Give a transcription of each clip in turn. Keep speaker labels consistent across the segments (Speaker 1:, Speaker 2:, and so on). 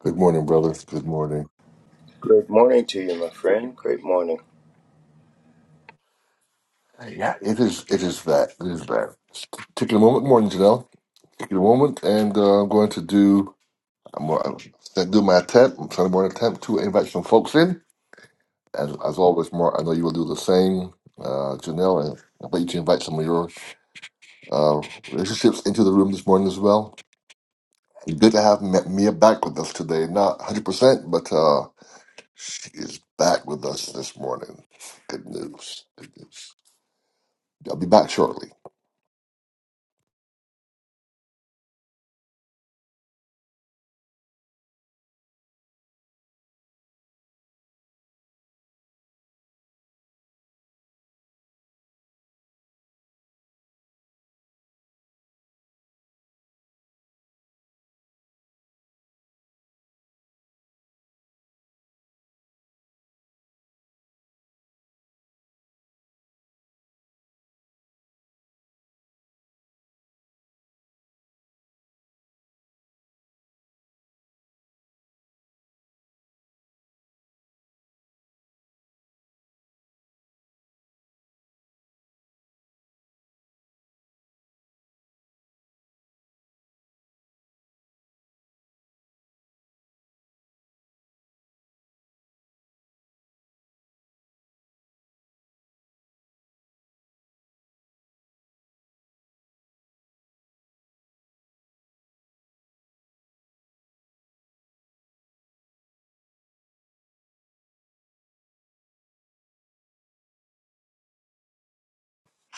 Speaker 1: Good morning, brother. Good morning.
Speaker 2: Great morning to you, my friend. Great morning.
Speaker 1: Yeah, it is. It is that. It is that. Just Taking a moment, morning, Janelle. Taking a moment, and uh, I'm going to do. I'm going to do my attempt, I'm trying Sunday morning attempt to invite some folks in. As as always, Mark, I know you will do the same, uh, Janelle, and I'd like you to invite some of your uh, relationships into the room this morning as well. Good to have M- Mia back with us today. Not 100, percent but uh, she is back with us this morning. Good news. Good news. I'll be back shortly.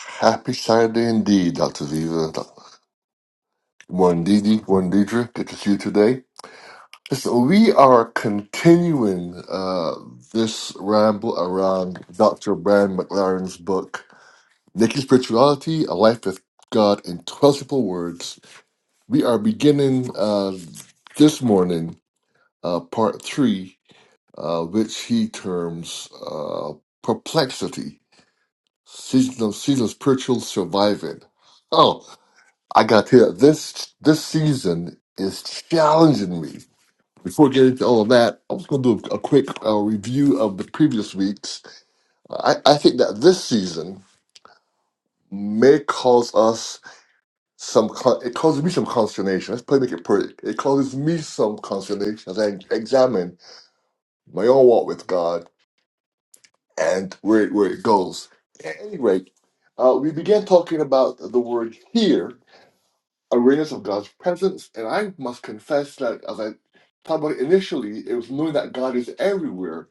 Speaker 1: Happy Saturday indeed, Dr. Viva. One Didi, one Deidre. Good to see you today. Listen, we are continuing uh, this ramble around Dr. Brand McLaren's book, Nikki's Spirituality, A Life with God in 12 Simple Words. We are beginning uh, this morning uh, part three, uh, which he terms uh, Perplexity, Season of, season of Spiritual Surviving. Oh. I got to tell you, this this season is challenging me. Before getting get into all of that, I was going to do a, quick uh, review of the previous weeks. I, I think that this season may cause us some. Con- it causes me some consternation. Let's play make it pretty. It causes me some consternation as I examine my own walk with God and where it, where it goes. At any rate, uh, we began talking about the word here awareness of God's presence. And I must confess that as I talked about initially, it was knowing that God is everywhere.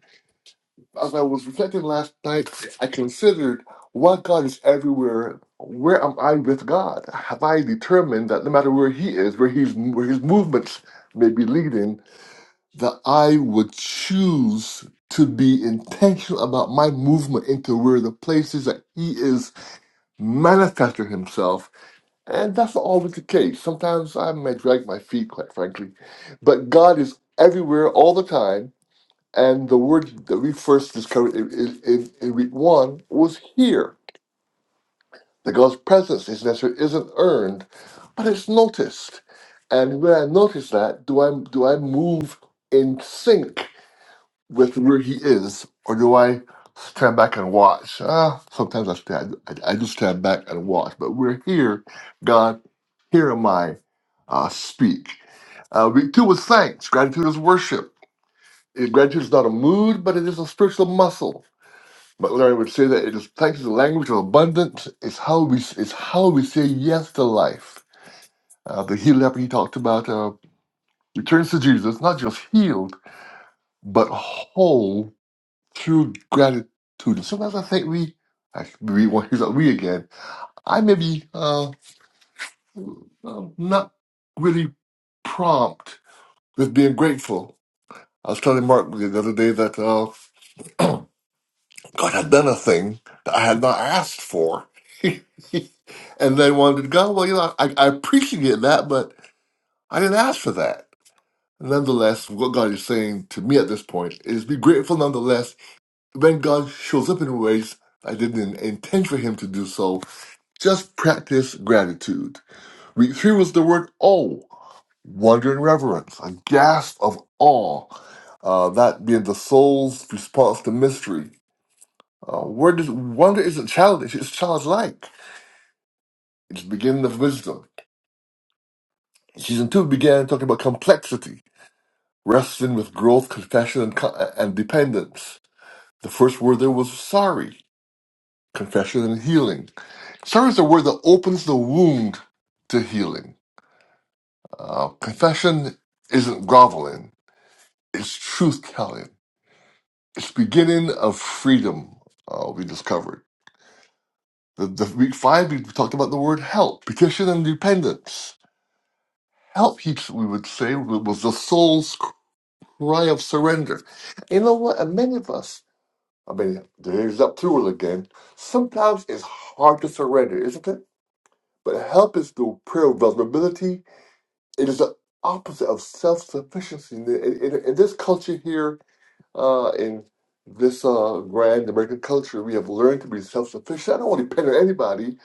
Speaker 1: As I was reflecting last night, I considered what God is everywhere. Where am I with God? Have I determined that no matter where He is, where He's where His movements may be leading, that I would choose to be intentional about my movement into where the places that He is manifesting Himself and that's not always the case. Sometimes I may drag my feet, quite frankly. But God is everywhere all the time. And the word that we first discovered in, in, in in week one was here. That God's presence is necessary, isn't earned, but it's noticed. And when I notice that, do I do I move in sync with where he is, or do I stand back and watch? Ah, sometimes I stand, I, I just stand back and watch. But we're here, God, here am I, uh, speak. Uh, week two was thanks. Gratitude is worship. Eh, Gratitude is not a mood, but it is a spiritual muscle. But Larry would say that it is thanks is the language of abundance. It's how we it's how we say yes to life. Uh, the healed leper he talked about uh, returns to Jesus, not just healed but whole through gratitude. sometimes I think we, I should be well, here's that we again. I may be uh, uh, not really prompt with being grateful. I was telling Mark the other day that uh, God had done a thing that I had not asked for. and then wanted to go, well, you know, I, I appreciate that, but I didn't ask for that. Nonetheless, what God is saying to me at this point is be grateful nonetheless when God shows up in ways I didn't intend for him to do so, just practice gratitude. Week three was the word oh, wonder and reverence, a gasp of awe, uh, that being the soul's response to mystery. Uh, where does wonder isn't childish, it's childlike. It's the beginning of wisdom. Season two began talking about complexity, wrestling with growth, confession, and, co- and dependence. The first word there was sorry, confession, and healing. Service is a word that opens the wound to healing. Uh, confession isn't groveling, it's truth telling. It's beginning of freedom uh, we discovered. The, the week five, we talked about the word help, petition and dependence. Help, he, we would say, was the soul's cry of surrender. You know what? And many of us, I mean, there's that plural again. Sometimes it's hard to surrender, isn't it? But help is the prayer of vulnerability it is the opposite of self-sufficiency in, in, in this culture here uh, in this uh, grand american culture we have learned to be self-sufficient i don't want to depend on anybody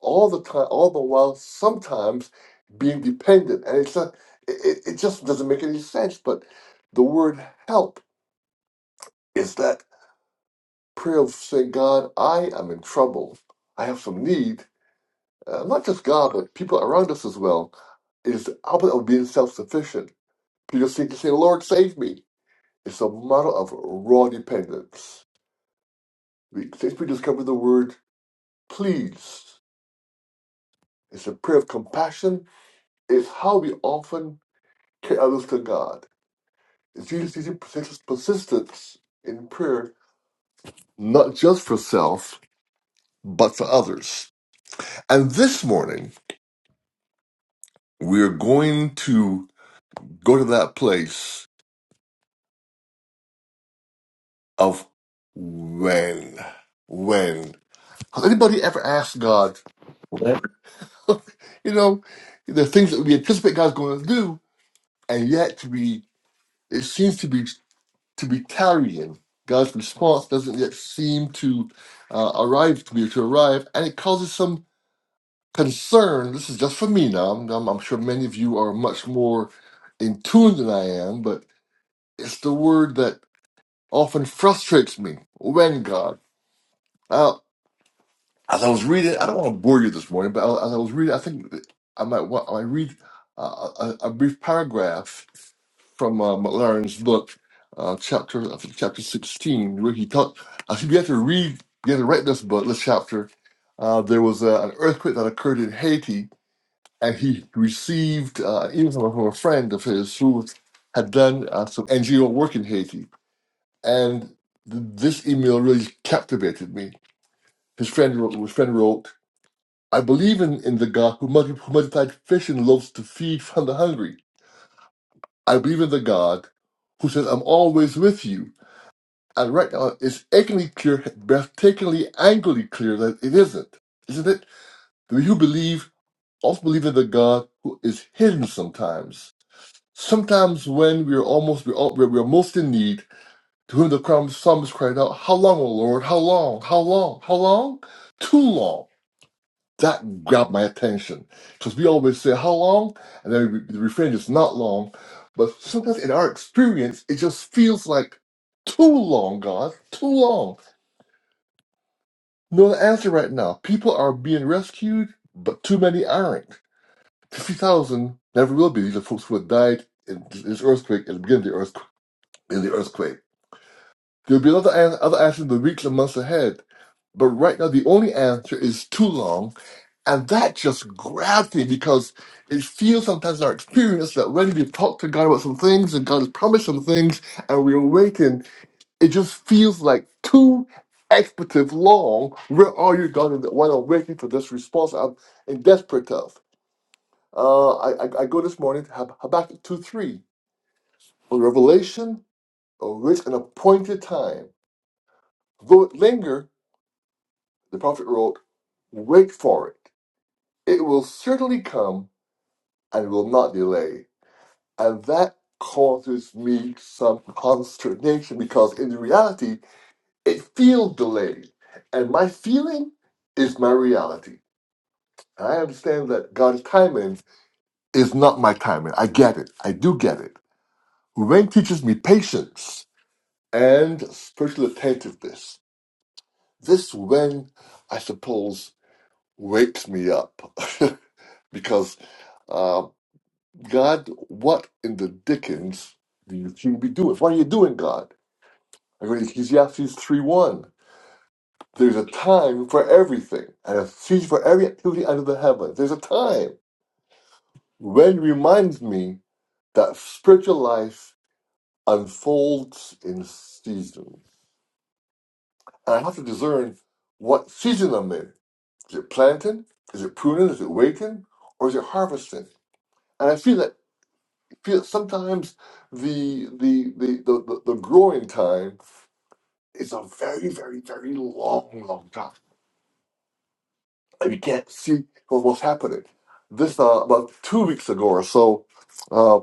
Speaker 1: all the time all the while sometimes being dependent and it's a, it, it just doesn't make any sense but the word help is that prayer of saying god i am in trouble i have some need uh, not just god but people around us as well It is the opposite of being self-sufficient Peter seemed to say, Lord, save me. It's a model of raw dependence. We, since we discovered the word please, it's a prayer of compassion. It's how we often carry others to God. It's Jesus' teaching persist- persistence in prayer, not just for self, but for others. And this morning, we're going to go to that place of when. When. Has anybody ever asked God, you know, the things that we anticipate God's going to do, and yet to be, it seems to be to be tarrying. God's response doesn't yet seem to uh, arrive to be to arrive, and it causes some concern. This is just for me now. I'm, I'm I'm sure many of you are much more in tune than I am, but it's the word that often frustrates me. When God? As I was reading, I don't want to bore you this morning, but as I was reading, I think I might want, I might read uh, a, a brief paragraph from uh, McLaren's book, uh, chapter I think chapter sixteen, where he talked. I think you have to read, you have to write this book, this chapter. Uh, there was uh an earthquake that occurred in Haiti, and he received uh, an email from, a from a friend of his who had done uh, some NGO work in Haiti, and th- this email really captivated me. His friend wrote. His friend wrote. I believe in, in the God who, multi- who multiplied fish and loaves to feed from the hungry. I believe in the God who says, I'm always with you. And right now, it's achingly clear, breathtakingly, angrily clear that it isn't. Isn't it? The you believe also believe in the God who is hidden sometimes. Sometimes when we're almost, we're, all, we're, we're most in need, to whom the psalmist cried out, How long, O Lord? How long? How long? How long? Too long. that grabbed my attention because we always say how long, and then we, the refrain is not long, but sometimes in our experience, it just feels like too long, God, too long. No answer right now. People are being rescued, but too many aren't. Fifty thousand never will be. These are folks who have died in this earthquake at the beginning of the earthquake. In the earthquake, there will be another an- other answer in the weeks and months ahead. But right now, the only answer is too long And that just grabs me because it feels sometimes in our experience that when we've talked to God about some things and God has promised some things and we awaken, it just feels like too expletive long. Where are you, God? And when I'm waiting for this response, I'm in desperate of. Uh, I, I, I go this morning to Hab- Habakkuk 2 3. On revelation, await an appointed time. Though it linger, the prophet wrote, wait for it. It will certainly come and will not delay. And that causes me some consternation because in reality, it feels delayed. And my feeling is my reality. And I understand that God's timing is not my timing. I get it. I do get it. Ren teaches me patience and spiritual attentiveness. This Ren, I suppose, wakes me up because uh, God, what in the dickens do you seem to be doing? What are you doing, God? I go to Ecclesiastes 3 1. There's a time for everything and a season for every activity under the heavens. There's a time. When reminds me that spiritual life unfolds in seasons. And I have to discern what season I'm in. Is it planting? Is it pruning? Is it waiting? Or is it harvesting? And I feel that feel that sometimes the the the, the, the the growing time is a very, very, very long, long time. and you can't see what- what's happening. This uh, about two weeks ago or so, uh,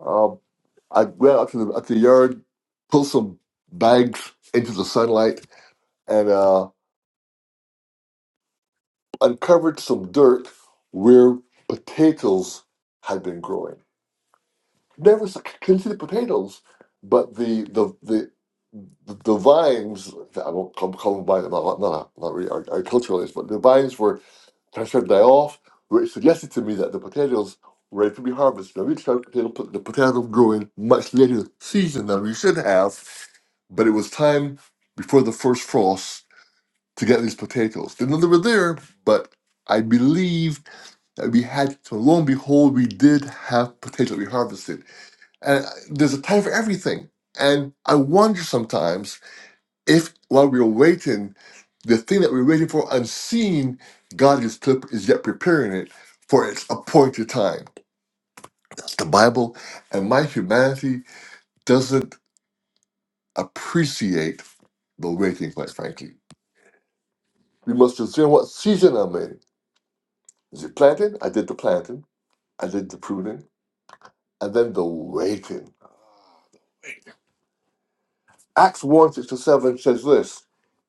Speaker 1: um, I went out to the, out to the yard, pulled some bags into the sunlight, and uh, uncovered some dirt where potatoes had been growing. Never s- couldn't see the potatoes, but the the the the, the vines, I won't call, call them vines, not, not, not not really art- agriculturalists, but the vines were I Tasha day off, which suggested to me that the potatoes were ready to be harvested. I reached out to the potato, the potato growing much later season than we should have, but it was time before the first frost to get these potatoes. Didn't know they were there, but I believe that we had, so lo and behold, we did have potatoes we harvested. And uh, there's a time for everything. And I wonder sometimes if while we were waiting the thing that we're waiting for unseen, God is, to, is yet preparing it for its appointed time. That's the Bible, and my humanity doesn't appreciate the waiting, quite frankly. We must discern what season I'm in. Is it planting? I did the planting, I did the pruning, and then the waiting. Acts 1 6 to 7 says this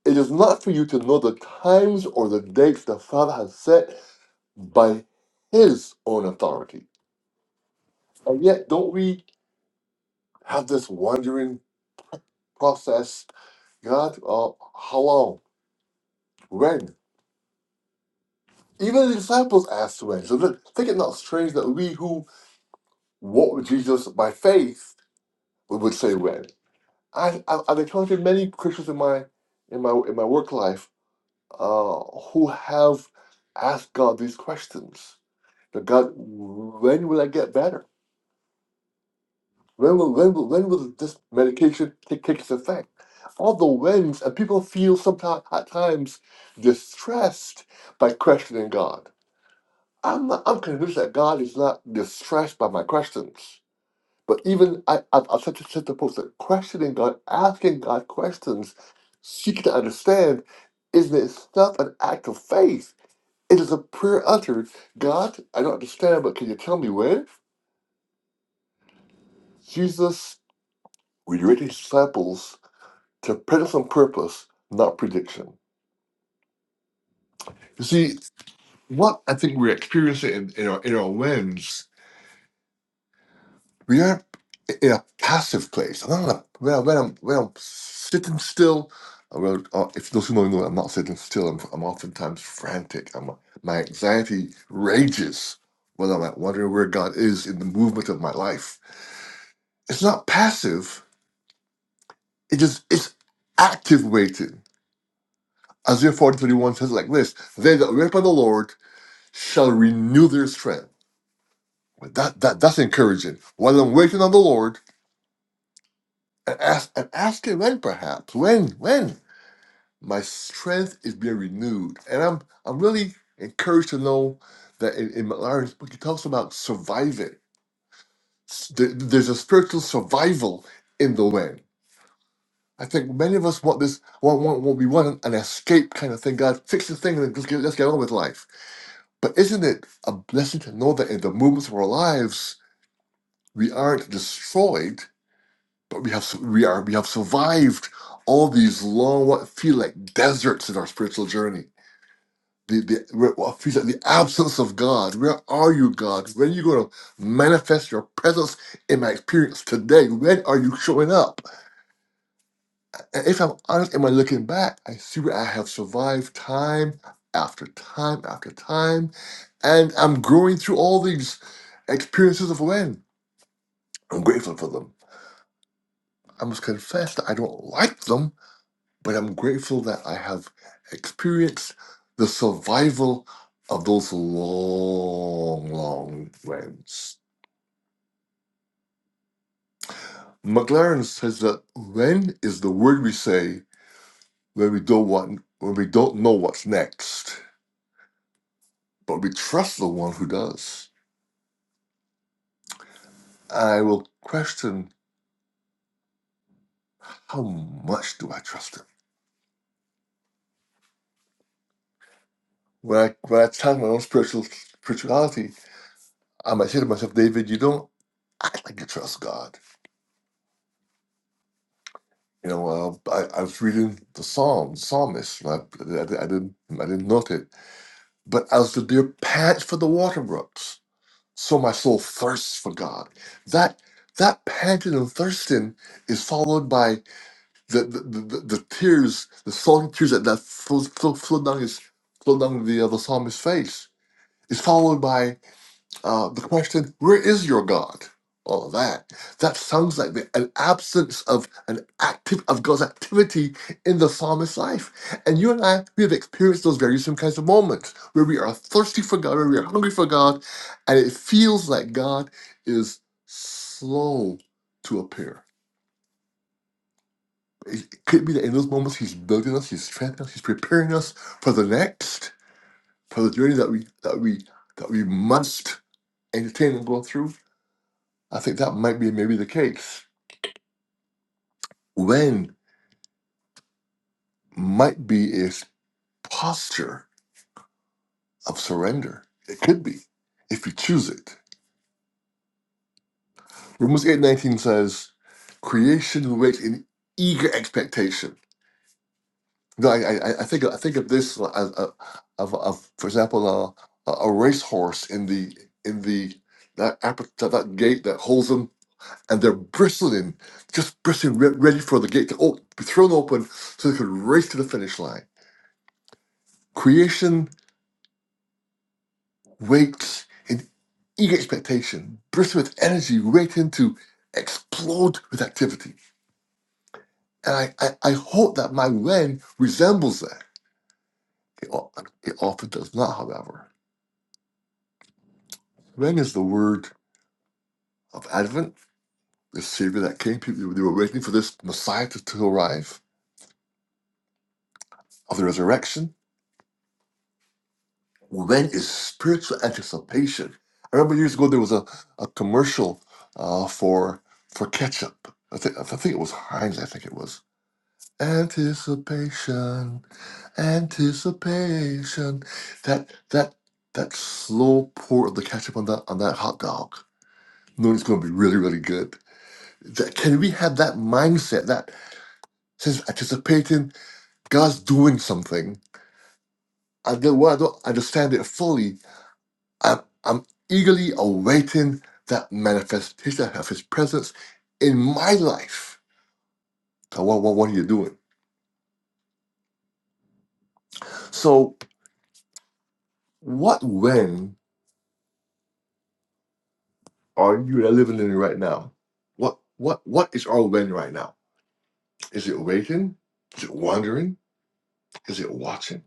Speaker 1: It is not for you to know the times or the dates the Father has set by His own authority. And yet, don't we? have this wondering process. God, uh, how long? When? Even the disciples asked when. So look, think it not strange that we who walk with Jesus by faith we would say when. I, I, I've encountered many Christians in my in my in my work life uh, who have asked God these questions. But God, when will I get better? When will when will when will this medication take, take its effect? All the whens and people feel sometimes at times distressed by questioning God. I'm not, I'm convinced that God is not distressed by my questions. But even I I've, I've said to said to folks that questioning God, asking God questions, seeking to understand, is in itself an act of faith. It is a prayer uttered. God, I don't understand, but can you tell me when? Jesus, we read his disciples Dependence on purpose, not prediction. You see, what I think we're experiencing in, in our in our lens, we are in a passive place. And I'm not when, I, when I'm when I'm sitting still, uh, well, uh, if those who know know, I'm not sitting still. I'm, I'm oftentimes frantic. I'm, my anxiety rages when I'm like wondering where God is in the movement of my life. It's not passive. It just it's active waiting. Isaiah 40 31 says it like this: They that wait upon the Lord shall renew their strength. Well, that, that that's encouraging. While I'm waiting on the Lord and ask and asking when perhaps when when my strength is being renewed, and I'm I'm really encouraged to know that in, in McLaren's book he talks about surviving. S- there- There's a spiritual survival in the when. I think many of us want this want want, want we want an escape kind of thing. God fix the thing and just get, let's get on with life. But isn't it a blessing to know that in the movements of our lives we aren't destroyed, but we have we are we have survived all these long what feel like deserts in our spiritual journey. The the what feels like the absence of God. Where are you, God? When are you going to manifest your presence in my experience today? When are you showing up? And if I'm honest, am I looking back? I see where I have survived time after time after time, and I'm growing through all these experiences of when. I'm grateful for them. I must confess that I don't like them, but I'm grateful that I have experienced the survival of those long, long rains. McLaren says that rain is the word we say when we don't want, when we don't know what's next, but we trust the one who does. I will question how much do I trust him? When I when I challenge my own spiritual spirituality, I might say to myself, David, you don't act like you trust God. You know, uh, I, I was reading the Psalm, Psalmist, and I, I, I didn't, I didn't note it. But as the deer pants for the water brooks, so my soul thirsts for God. That that panting and thirsting is followed by the the, the, the the tears, the salty tears that that flow, flow, flow down his flow down the uh, the psalmist's face. Is followed by uh, the question, where is your God? All of that. That sounds like the, an absence of an active of God's activity in the psalmist's life. And you and I, we have experienced those very same kinds of moments where we are thirsty for God, where we are hungry for God, and it feels like God is slow to appear. It it could be that in those moments He's building us, He's strengthening us, He's preparing us for the next, for the journey that we that we that we must entertain and go through. I think that might be maybe the case. When might be is posture of surrender. It could be, if you choose it. Romans eight nineteen says, "Creation waits in eager expectation." No, I, I, I think I think of this as a, of, of for example uh, a, a racehorse in the in the that, aper- that that gate that holds them, and they're bristling, just bristling, re- ready for the gate to o- be thrown open, so they can race to the finish line. Creation wakes in eager expectation, bristling with energy, waiting to explode with activity. And I, I, I hope that my when resembles that. It, o- it often does not, however. When is the word of Advent, the Savior that came. People they were waiting for this Messiah to, to arrive, of the resurrection. When is spiritual anticipation? I remember years ago there was a, a commercial uh, for for ketchup. I think, I think it was Heinz, I think it was Anticipation, anticipation. That that that slow pour of the ketchup on that on that hot dog, knowing it's going to be really really good. That, can we have that mindset that says anticipating God's doing something? And then when I don't understand it fully, I'm, I'm eagerly awaiting that manifestation of His presence in my life. So what what what are you doing? So what when? Are you living in right now? What what what is our when right now? Is it waiting? Is it wandering? Is it watching?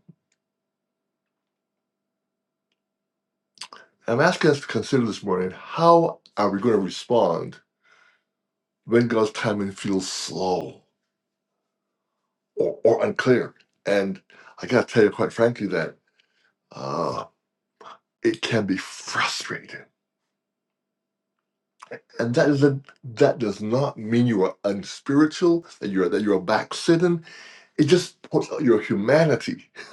Speaker 1: I'm asking us to consider this morning how are we going to respond when God's timing feels slow or, or unclear? And I gotta tell you quite frankly that uh, it can be frustrating. And that isn't that does not mean you are unspiritual, that you're that you're backslidden. It just puts out your humanity.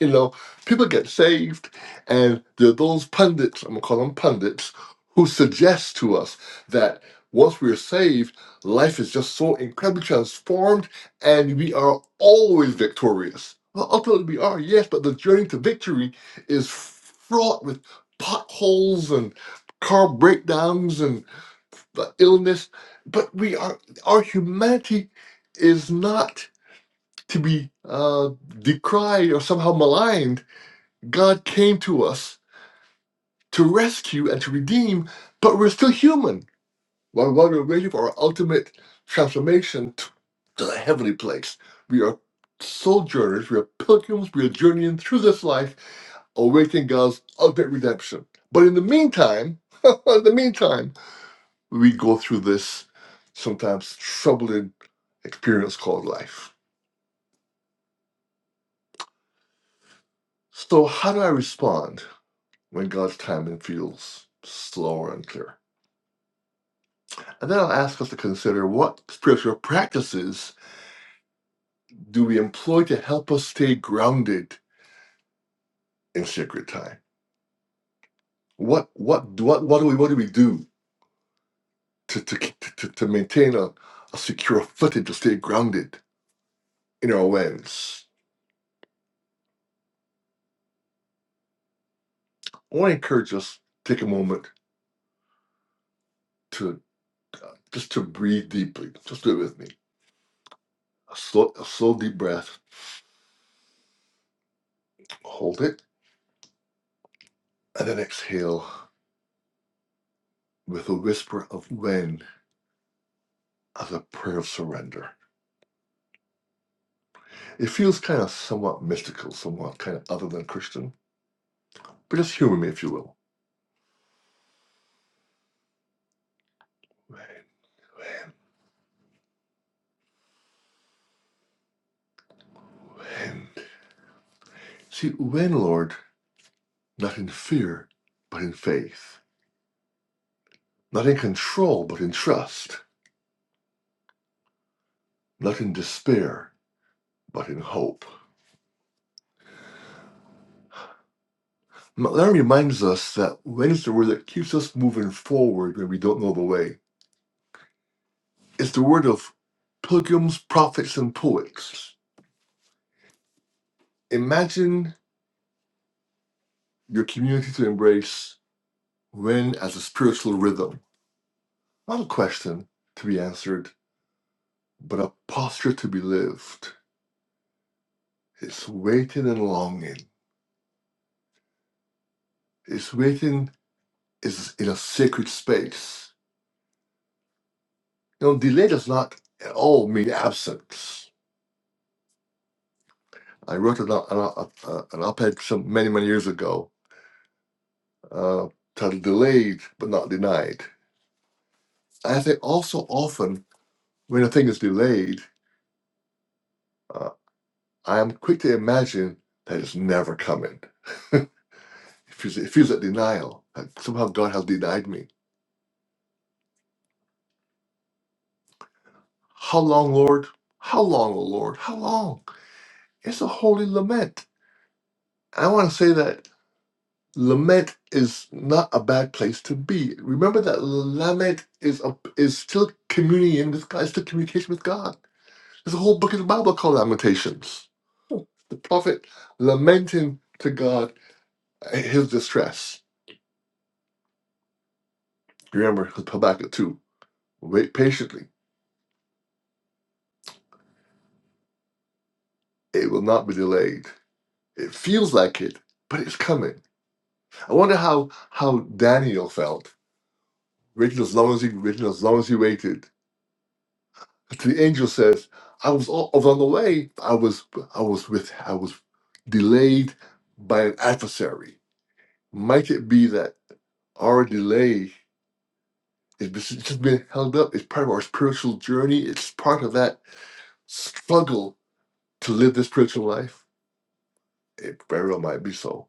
Speaker 1: You know, people get saved, and there are those pundits, I'm gonna call them pundits, who suggest to us that once we're saved, life is just so incredibly transformed and we are always victorious. Well, ultimately, we are, yes, but the journey to victory is fraught with potholes and car breakdowns and the illness. But we are, our humanity is not to be uh, decried or somehow maligned God came to us to rescue and to redeem, but we're still human. While, while we're waiting for our ultimate transformation to, to the heavenly place, we are sojourners, we are pilgrims, we are journeying through this life, awaiting God's ultimate redemption. But in the meantime, in the meantime, we go through this sometimes troubling experience called life. So, how do I respond when God's timing feels slower and clearer? And then I'll ask us to consider what spiritual practices do we employ to help us stay grounded in sacred time? What what what what do we what do we do to to to, to maintain a, a secure footing to stay grounded in our awareness? I want to encourage us to take a moment to uh, just to breathe deeply. Just do it with me. A slow, a slow deep breath. Hold it and then exhale with a whisper of when as a prayer of surrender. It feels kind of somewhat mystical, somewhat kind of other than Christian. But just humor me, if you will. When, when, when. See, when, Lord, not in fear, but in faith. Not in control, but in trust. Not in despair, but in hope. M- That reminds us that when is the word that keeps us moving forward when we don't know the way. It's the word of pilgrims, prophets, and poets. Imagine your community to embrace when as a spiritual rhythm Not a question to be answered, but a posture to be lived. It's waiting and longing. It's waiting is in a sacred space. You know, delay does not at all mean absence. I wrote an, an, uh, an op-ed some many, many years ago uh, titled Delayed But Not Denied. I think also often when a thing is delayed, uh, I am quick to imagine that it's never coming. it feels, it feels like denial, like somehow God has denied me How long, Lord? How long, O Lord? How long? It's a holy lament. I want to say that lament is not a bad place to be. Remember that lament is a, is still communion with God, it's still communication with God. There's a whole book in the Bible called Lamentations. The prophet lamenting to God uh, his distress. Remember Habakkuk 2. Wait patiently. It will not be delayed. It feels like it, but it's coming. I wonder how how Daniel felt waited as long as he waited as long as he waited. Until the angel says, "I was all, I was on the way. I was I was with I was delayed by an adversary. Might it be that our delay is just it's just being held up? It's part of our spiritual journey. It's part of that struggle to live this spiritual life? It very well might be so.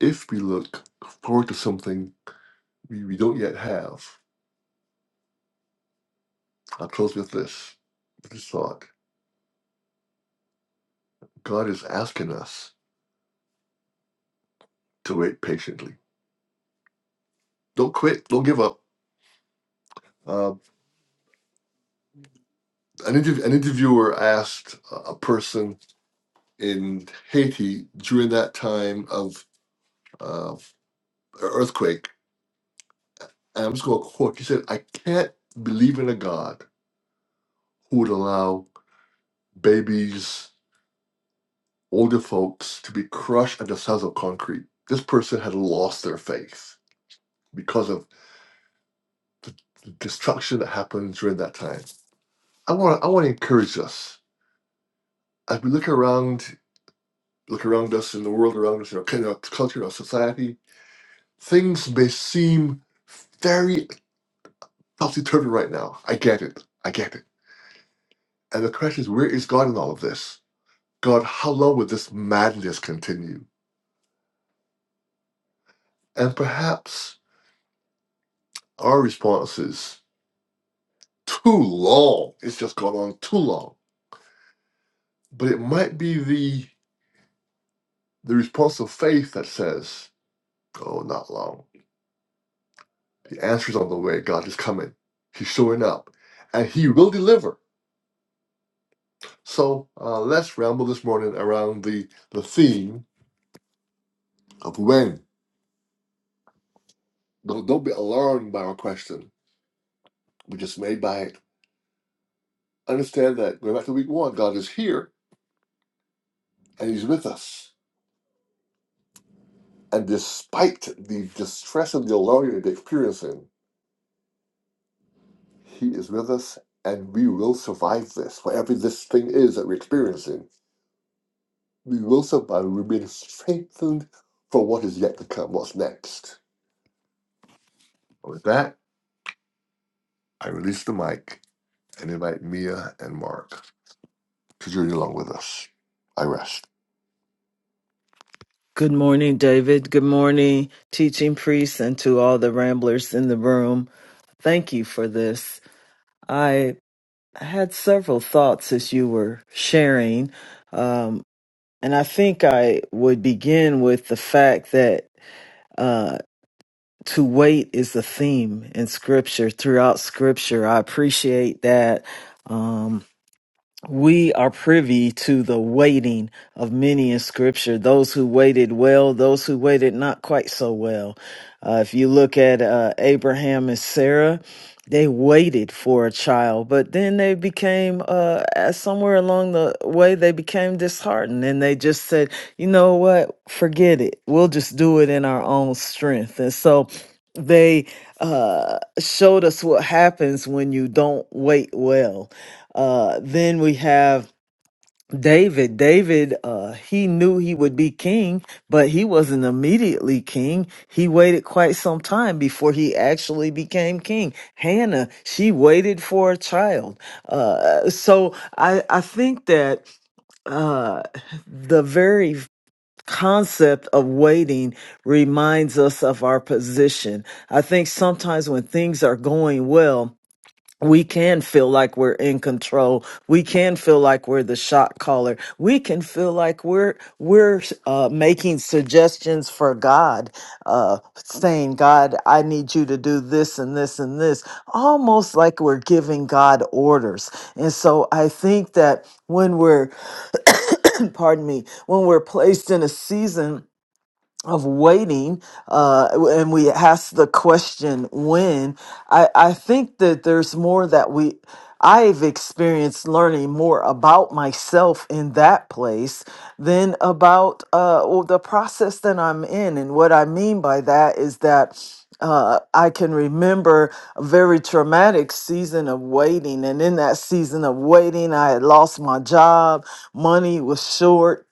Speaker 1: If we look forward to something we, we don't yet have, I'll close with this, with this thought. God is asking us to wait patiently. Don't quit. Don't give up. Uh, an, interv- an interviewer asked a person in Haiti during that time of uh, earthquake, and I'm just going to quote. He said, "I can't believe in a God who would allow babies, older folks, to be crushed under size of concrete." This person had lost their faith because of the destruction that happened during that time. I want to I want to encourage us as we look around look around us in the world around us, in our kind of culture, our society, things may seem very topsy-turvy right now. I get it. I get it. And the question is, where is God in all of this? God, how long will this madness continue? And perhaps our response is too long. It's just gone on too long. But it might be the the response of faith that says, Oh, not long. The answer's on the way. God is coming. He's showing up. And he will deliver So uh, let's ramble this morning around the, the theme of when. Don't, don't be alarmed by our question. We're just made by it. Understand that going back to week one, God is here and He's with us. And despite the distress and the alarm that they're experiencing, He is with us and we will survive this. Whatever this thing is that we're experiencing, we will survive. We're being strengthened for what is yet to come, what's next. With that, I release the mic and invite Mia and Mark. for journey along with us. I rest.
Speaker 3: Good morning, David. Good morning, teaching priests, and to all the ramblers in the room. Thank you for this. I had several thoughts as you were sharing, um, and I think I would begin with the fact that uh, to wait is a theme in Scripture throughout Scripture. I appreciate that. um, we are privy to the waiting of many in scripture those who waited well those who waited not quite so well Uh, if you look at uh, abraham and sarah they waited for a child but then they became uh, as somewhere along the way they became disheartened and they just said you know what forget it we'll just do it in our own strength and so they uh, showed us what happens when you don't wait well uh, then we have David. David, uh, he knew he would be king, but he wasn't immediately king. He waited quite some time before he actually became king. Hannah, she waited for a child. Uh, so I, I think that uh, the very concept of waiting reminds us of our position. I think sometimes when things are going well, we can feel like we're in control. We can feel like we're the shot caller. We can feel like we're we're uh, making suggestions for God, uh, saying, "God, I need you to do this and this and this," almost like we're giving God orders. And so I think that when we're, pardon me, when we're placed in a season of waiting uh and we ask the question when i i think that there's more that we i've experienced learning more about myself in that place than about uh well, the process that i'm in and what i mean by that is that uh, I can remember a very traumatic season of waiting. And in that season of waiting, I had lost my job. Money was short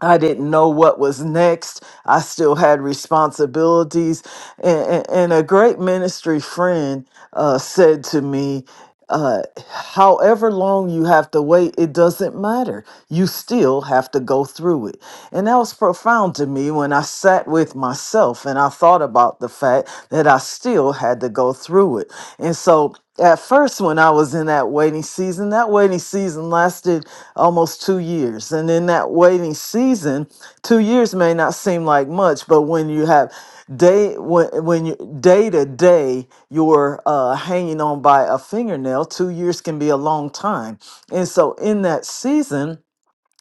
Speaker 3: I didn't know what was next. I still had responsibilities. And, and a great ministry friend uh, said to me uh, however long you have to wait, it doesn't matter. You still have to go through it. And that was profound to me when I sat with myself and I thought about the fact that I still had to go through it. And so at first, when I was in that waiting season, that waiting season lasted almost two years. And in that waiting season, two years may not seem like much, but when you have day when when you day to day you're uh, hanging on by a fingernail, two years can be a long time. And so in that season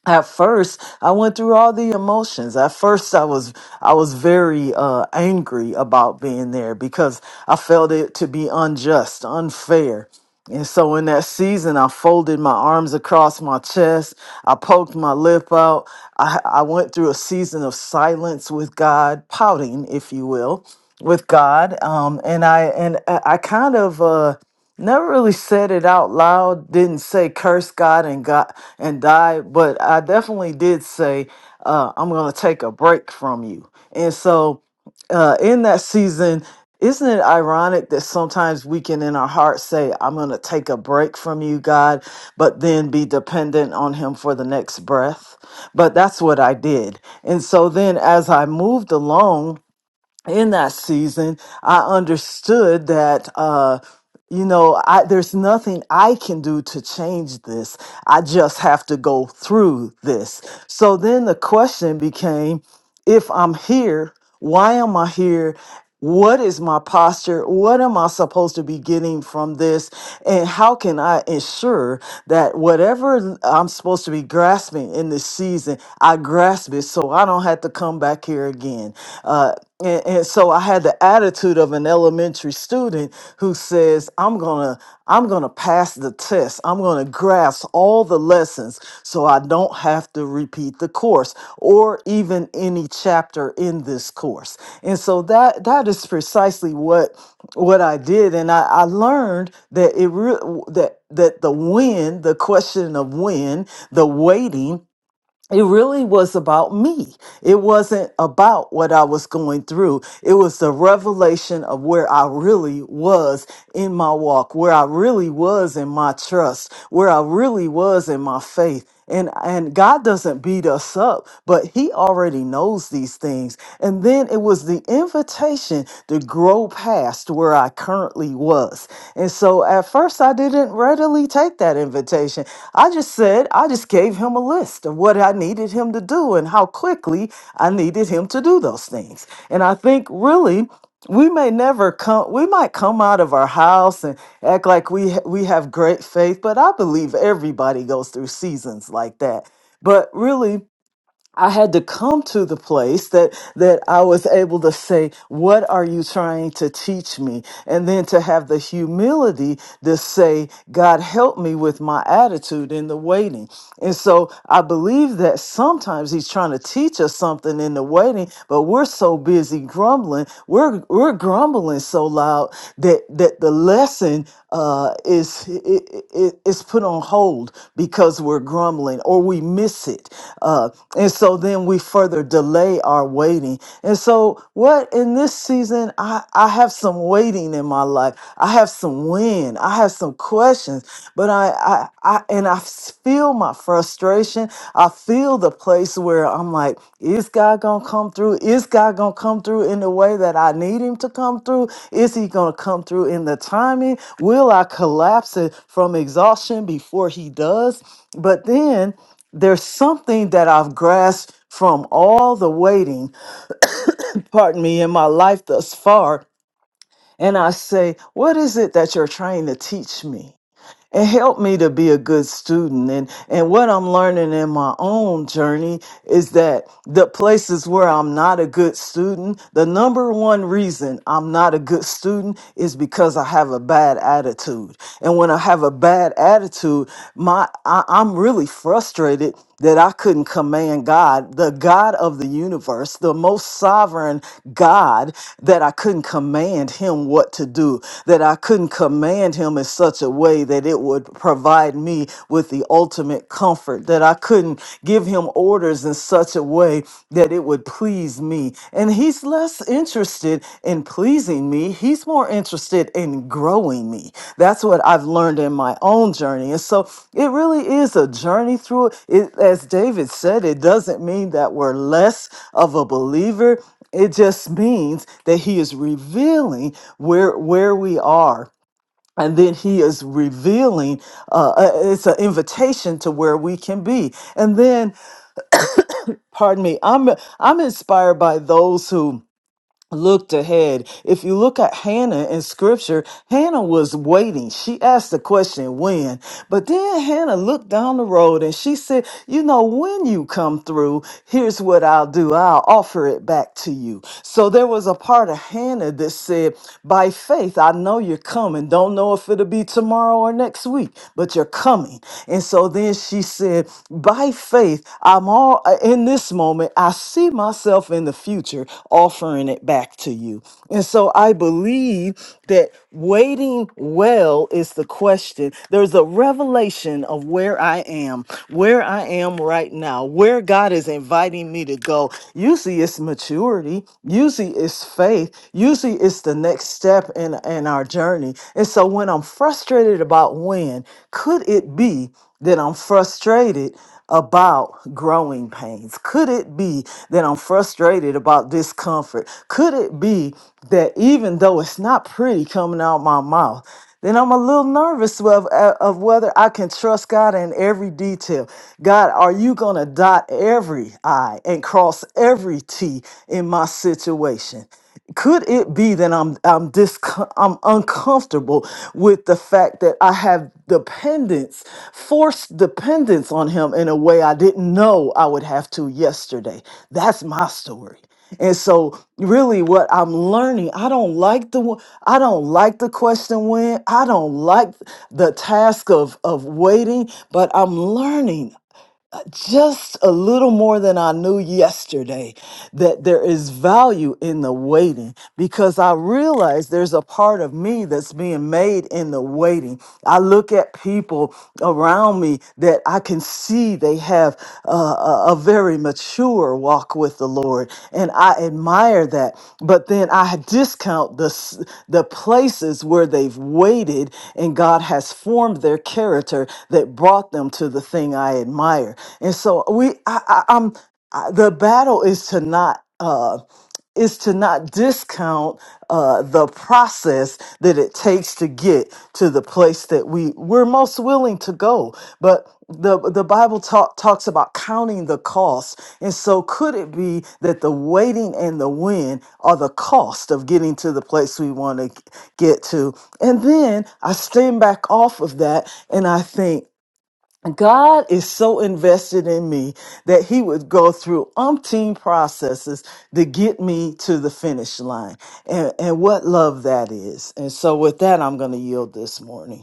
Speaker 3: at first i went through all the emotions at first i was i was very uh angry about being there because i felt it to be unjust unfair and so in that season i folded my arms across my chest i poked my lip out i i went through a season of silence with god pouting if you will with god um and i and i I kind of uh Never really said it out loud, didn't say curse God and God and die, but I definitely did say, uh, I'm gonna take a break from you. And so uh, in that season, isn't it ironic that sometimes we can in our heart say, I'm gonna take a break from you, God, but then be dependent on him for the next breath? But that's what I did. And so then as I moved along, in that season, I understood that, uh, you know, I, there's nothing I can do to change this. I just have to go through this. So then the question became if I'm here, why am I here? What is my posture? What am I supposed to be getting from this? And how can I ensure that whatever I'm supposed to be grasping in this season, something, I grasp it so I don't have to come back here again. Uh, and, and so I had the attitude of an elementary student who says, "I'm gonna, I'm gonna pass the test. I'm gonna grasp all the lessons, so I don't have to repeat the course or even any chapter in this course." And so that that is precisely what what I did, and I, I learned that it re- that that the when, the question of when, the waiting it really was about me. It wasn't about what I was going through. It was the revelation of where I really was in my walk, where I really was in my trust, where I really was in my faith. And and God doesn't beat us up, but he already knows these things. And then it was the invitation to grow past where where I currently was. And so at first I didn't readily take that invitation. I just said, I just gave him a list of what I needed him to do and how quickly I needed him to do those things. And I think really we may never come we might come out of our house and act like we ha- we have great faith, but I believe everybody goes through seasons like that. But really I had to come to the place that that I was able to say, "What are you trying to teach me?" And then to have the humility to say, "God, help me with my attitude in the waiting." And so I believe that sometimes he's trying to teach us something in the waiting, but we're so busy grumbling, we're we're grumbling so loud that that the lesson uh, is it, it, it's put on hold because we're grumbling or we miss it, uh, and so then we further delay our waiting. And so what in this season, I I have some waiting in my life. I have some win. I have some questions, but I, I, I, and I s- feel my frustration. I feel the place where I'm like, is God gonna come through? Is God gonna come through in the way that I need Him to come through? Is He gonna come through in the timing? Will I collapse it from exhaustion before He does? But then there's something that I've grasped from all the waiting, pardon me, in my life thus far and I say, What is it that you're trying to teach me? And help me to be a good student. And, and what I'm learning in my own journey is that the places where I'm not a good student, the number one reason I'm not a good student is because I have a bad attitude. And when I have a bad attitude, my I, I'm really frustrated that I couldn't command God, the God of the universe, the most sovereign God, that I couldn't command him what to do, that I couldn't command him in such a way that it would provide me with the ultimate comfort, that I couldn't give him orders in such a way that it would please me. And He's less interested in pleasing me. He's more interested in growing me. That's what I've learned in my own journey. And so it really is a journey through it. It- As David said, it doesn't mean that we're less of a believer. It just means that he is revealing where where we are and then he is revealing uh, uh, it's an invitation to where we can be and then pardon me i'm i'm inspired by those who looked ahead. If you look at Hannah in scripture, Hannah was waiting. She asked the question, when? But then Hannah looked down the road and she said, you know, when you come through, here's what I'll do. I'll offer it back to you. So there was a part of Hannah that said, by faith, I know you're coming. Don't know if it'll be tomorrow or next week, but you're coming. And so then she said, by faith, faith, I'm all uh, in this moment, I see myself in the future offering it back to you. And so I believe that waiting well is the question. There's a revelation of where I am, where I am right now, where God is inviting me to go. Usually it's maturity, usually it's faith, usually it's the next step in, in our journey. And so when I'm frustrated about when, could it be that I'm frustrated about growing pains? Could it be that I'm frustrated about discomfort? Could it be that even though it's not pretty coming out my mouth, then I'm a little nervous of, uh, of whether I can trust God in every detail. God, are you going to dot every I and cross every T in my situation? could it be that I'm I'm dis I'm uncomfortable with the fact that I have dependence, forced dependence on him in a way I didn't know I would have to yesterday. That's my story. And so really what I'm learning, I don't like the one- I don't like the question when, I don't like the task of of waiting, but I'm learning just a little more than I knew yesterday that there is value in the waiting because I realize there's a part of me that's being made in the waiting. I look at people around me that I can see they have uh, a, a very mature her walk with the Lord. And I admire that. But then I discount the, s- the places where they've waited and God has formed their character that brought them to the thing I admire. And so we, I, I, I'm, I, the battle is to not. Uh, is to not discount uh, the process that it takes to get to the place that we we're most willing to go. But the the Bible talk, talks about counting the cost, and so could it be that the waiting and the win are the cost of getting to the place we want to get to? And then I stand back off of that, and I think. God is so invested in me that he would go through umpteen processes to get me to the finish line. And, and what love that is. And so with that, I'm going to yield this morning.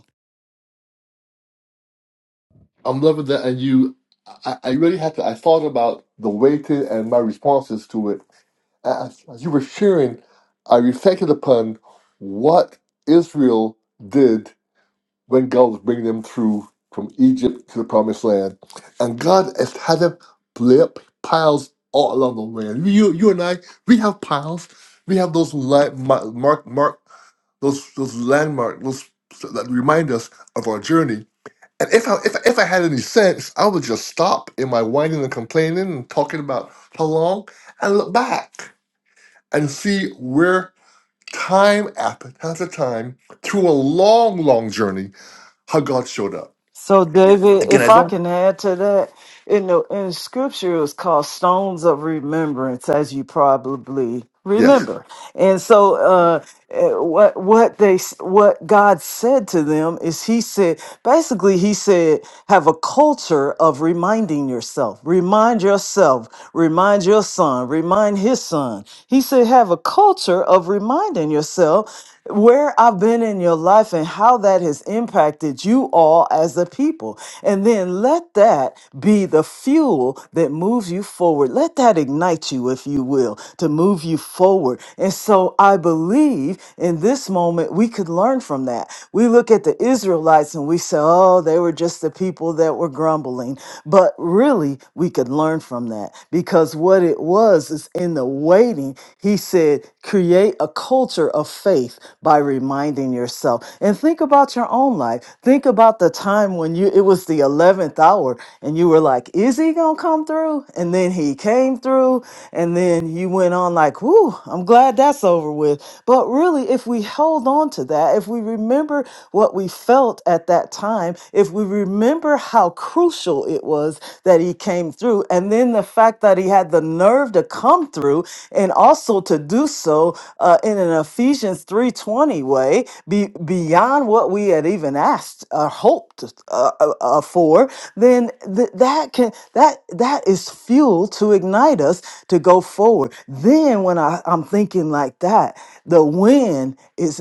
Speaker 1: I'm loving that, and you. I, I really had to. I thought about the weighted and my responses to it as, as you were sharing. I reflected upon what Israel did when God was bringing them through from Egypt to the Promised Land, and God has had them lay up piles all along the way. And you, you and I, we have piles. We have those li- mark, mark, those those landmarks those that remind us of our journey And if I if, I- if I had any sense, I would just stop in my whining and complaining and talking about how long and look back and see where time after after time through a long, long journey, how God showed up.
Speaker 3: So, David, if I can add to that, in the in scripture, it's called stones of remembrance, as you probably
Speaker 1: Yes,
Speaker 3: remember. And so, uh, eh, what what they s- what God said to them is, He said basically, He said, have a culture of reminding yourself, remind yourself, remind your son, remind his son. He said, have a culture of reminding yourself where I've been in your life and how that has impacted you all as a people. And then let that be the fuel that moves you forward. Let that ignite you, if you will, to move you forward. And so I believe in this moment we could learn from that. We look at the Israelites and we say, oh, they were just the people that were grumbling. But really, we could learn from that because what it was was is in the waiting. He said, create a culture of faith by reminding yourself. And think about your own life. Think about the time when you it was the 11th hour and you were like, is he going to come through? And then he came through and then you went on like, "Whoo, I'm glad that's over with." But really, if we hold on to that, if we remember what we felt at that time, if we remember how how crucial it was that he came through. And then the fact that he had the nerve to come through and also to do so uh, in an Ephesians 3.20 way, be, beyond what we had even asked or hoped uh, uh, uh, for, then th- that can that that is fuel to ignite us to go forward. Then when I, I'm thinking like that, the win is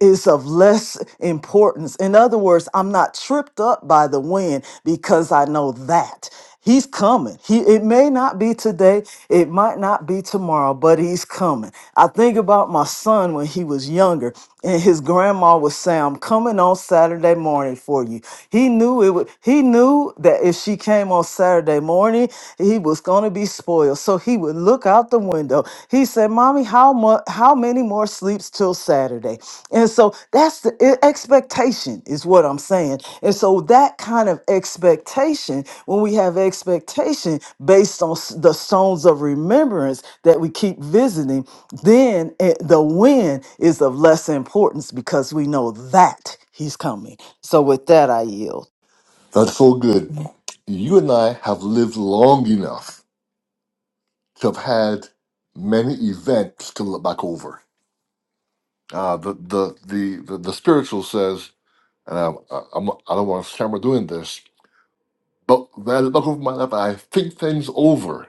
Speaker 3: is is of less importance. In other words, I'm not tripped up by the wind because I know that. He's coming. He it may not be today, it might not be tomorrow, but he's coming. I think about my son when he was younger, and his grandma would say, I'm coming on Saturday morning for you. He knew it would he knew that if she came on Saturday morning, he was gonna be spoiled. So he would look out the window. He said, Mommy, how much how many more sleeps till Saturday? And so that's the e- expectation, is what I'm saying. And so that kind of expectation, when we have expectation based on s- the stones of remembrance that we keep visiting, then eh, the when is of less importance because we know that he's coming. So with that, I yield.
Speaker 1: that's so good. You and I have lived long enough to have had many events to look back over. Uh, the, the the the the spiritual says, and I, I, I'm, I don't want to stammer doing this But by the love of my life, I think things over.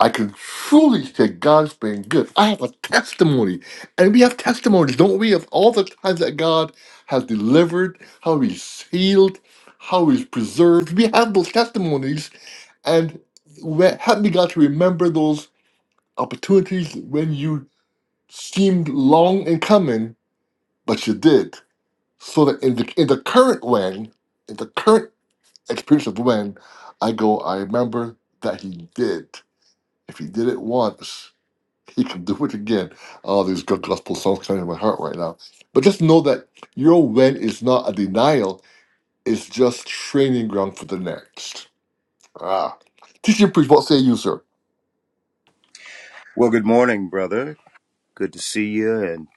Speaker 1: I can truly say God's been good. I have a testimony, and we have testimonies, don't we, of all the times that God has delivered, how He's healed, how He's preserved. We have those testimonies, and we- help me, God, to remember those opportunities when you seemed long in coming, but you did. So that in the in the current when, in the current experience of when I go, I remember that he did. If he did it once, he can do it again. All these good gospel songs coming in my heart right now. But just know that your when is not a denial, it's just training ground for the next. Ah. Teaching priest, what say you, sir?
Speaker 2: Well, good morning, brother. Good to see you and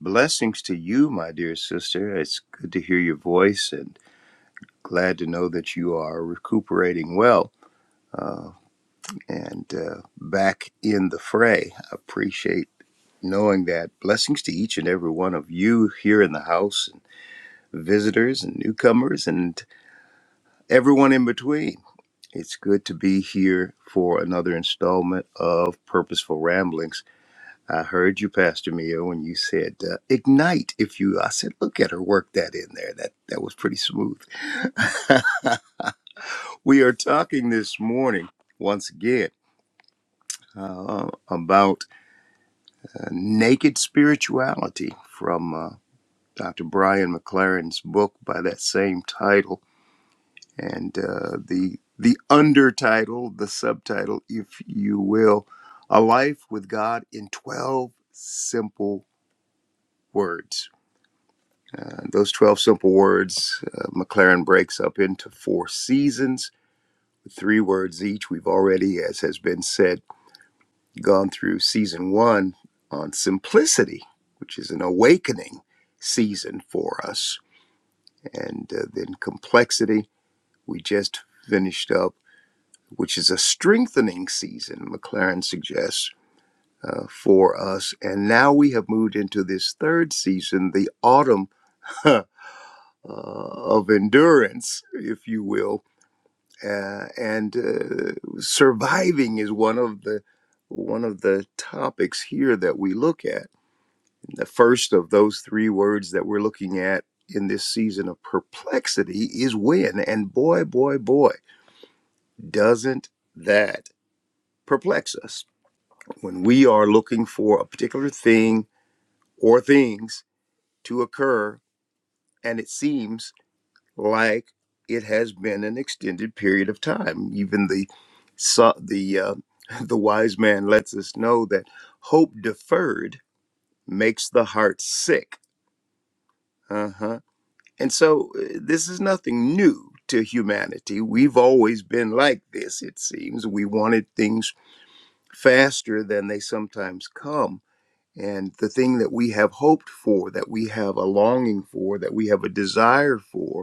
Speaker 2: blessings to you, my dear sister. It's good to hear your voice and glad to know that you are recuperating well and uh, back in the fray. I appreciate knowing that. Blessings to each and every one of you here in the house, and visitors and newcomers, and everyone in between. It's good to be here for another installment of Purposeful Ramblings. I heard you, Pastor Mia, when you said uh, ignite. If you, I said, look at her work that in there. That that was pretty smooth. we are talking this morning once again uh, about uh, naked spirituality from uh, Dr. Brian McLaren's book by that same title, and uh, the the undertitle, the subtitle, if you will, a life with God in twelve simple words Uh, those 12 simple words, uh, McLaren breaks up into four seasons, three words each. We've already, as has been said, gone through season one on simplicity, which is an awakening season for us, and uh, then complexity. We just finished up, which is a strengthening season, McLaren suggests. uh, for us. And now we have moved into this third season, the autumn uh, of endurance, if you will, uh, and uh, surviving is one of the one of the topics here that we look at. The first of those three words that we're looking at in this season of perplexity is when, and boy, boy, boy, doesn't that perplex us when we are looking for a particular thing or things to occur, and it seems like it has been an extended period of time. Even the so- the uh, the wise man lets us know that hope deferred makes the heart sick. Uh-huh. And so uh, this is nothing new to humanity. We've always been like this, it seems. We wanted things faster than they sometimes come. And the thing that we have hoped for, that we have a longing for, that we have a desire for,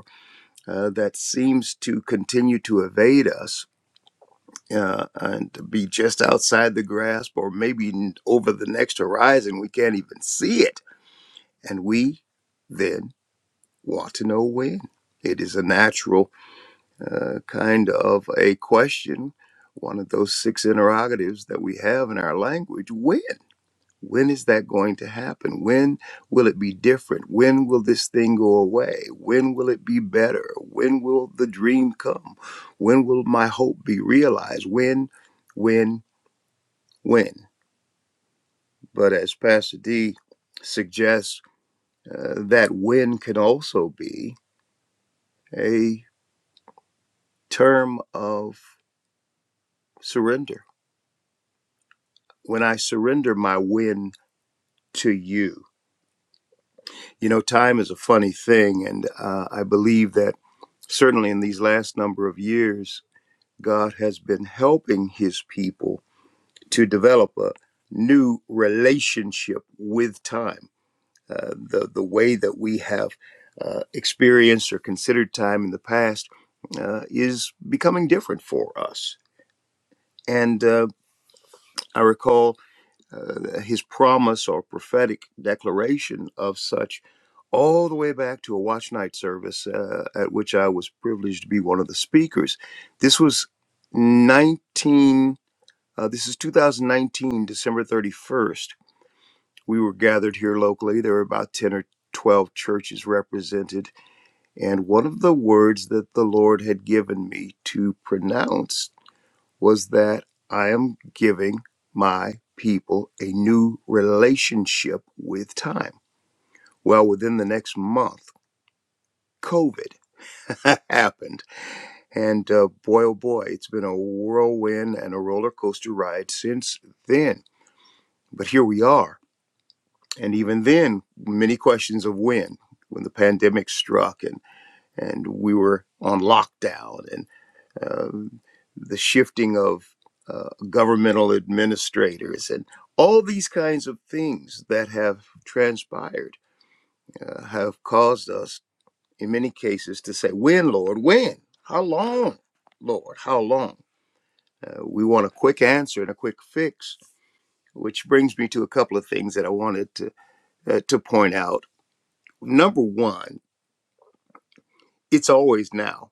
Speaker 2: uh, that seems to continue to evade us uh, and to be just outside the grasp or maybe n- over the next horizon. We can't even see it. And we then want to know when. It is a natural uh, kind of a question, one of those six interrogatives that we have in our language when? When is that going to happen? When will it be different? When will this thing go away? When will it be better? When will the dream come? When will my hope be realized? When, when, when? But as Pastor D suggests, uh, that when can also be a term of surrender. When I surrender my when to you, you know, time is a funny thing, and uh, I believe that certainly in these last number of years, God has been helping his people to develop a new relationship with time. Uh, the, the way that we have uh, experienced or considered time in the past uh, is becoming different for us. And uh, I recall uh, his promise or prophetic declaration of such all the way back to a watch night service uh, at which I was privileged to be one of the speakers. This was 19, uh, this is 2019, December 31st. We were gathered here locally. There were about 10 or 12 churches represented. And one of the words that the Lord had given me to pronounce was that I am giving my people a new relationship with time. Well, within the next month, COVID happened. And uh, boy, oh boy, it's been a whirlwind and a roller coaster ride since then. But here we are. And even then, many questions of when, when the pandemic struck and, and we were on lockdown and. um, the shifting of uh, governmental administrators, and all these kinds of things that have transpired uh, have caused us, in many cases, to say, When, Lord, when? How long, Lord? How long? Uh, we want a quick answer and a quick fix, which brings me to a couple of things that I wanted to, uh, to point out. Number one, it's always now.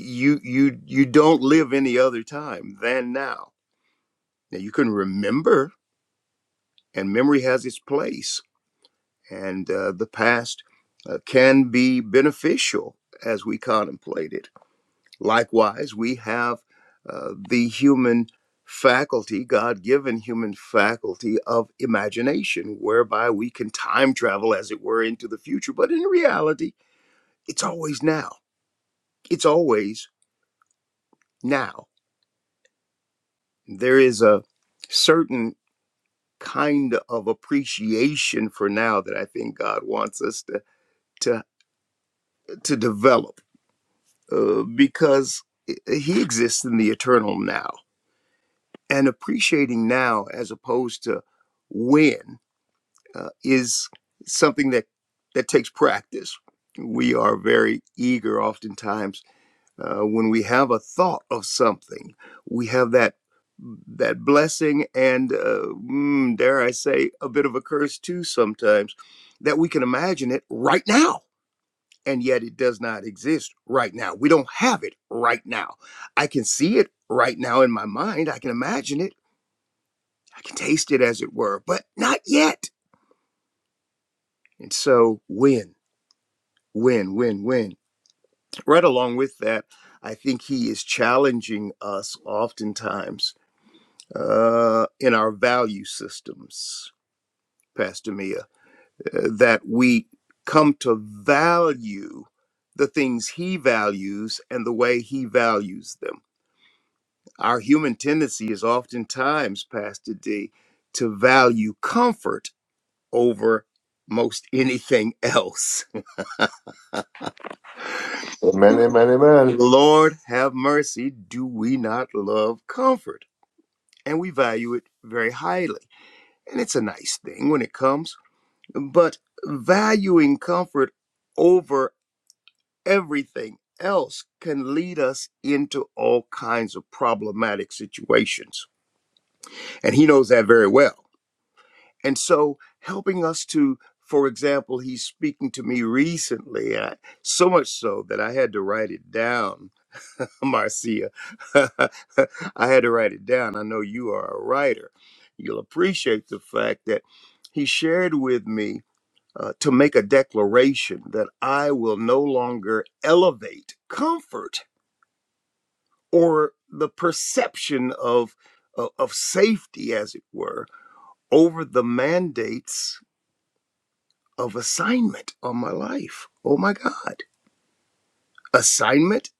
Speaker 2: You, you, you don't live any other time than now. Now, you can remember and memory has its place and uh, the past uh, can be beneficial as we contemplate it likewise we have uh, the human faculty god-given human faculty of imagination whereby we can time travel as it were into the future but in reality it's always now it's always now there is a certain kind of appreciation for now that i think god wants us to to to develop uh, because he exists in the eternal now. And appreciating now as opposed to when uh, is something that, that takes practice. We are very eager, oftentimes, uh, when we have a thought of something, we have that that blessing and, uh, mm, dare I say, a bit of a curse too sometimes, that we can imagine it right now and yet it does not exist right now. We don't have it right now. I can see it right now in my mind. I can imagine it. I can taste it, as it were, but not yet. And so, win, win, win, win. Right along with that, I think he is challenging us oftentimes uh, in our value systems, Pastor Mia, uh, that we come to value the things he values and the way he values them Our human tendency is oftentimes, Pastor D, to value comfort over most anything else.
Speaker 1: Amen, amen, amen.
Speaker 2: Lord have mercy, do we not love comfort? And we value it very highly. And it's a nice thing when it comes, but valuing comfort over everything else can lead us into all kinds of problematic situations. And he knows that very well And so, helping us to, for example, he's speaking to me recently, I, so much so that I had to write it down, Marcia. I had to write it down. I know you are a writer. You'll appreciate the fact that he shared with me uh, to make a declaration that I will no longer elevate comfort or the perception of, of, of safety, as it were, over the mandates of assignment on my life. Oh my God. Assignment,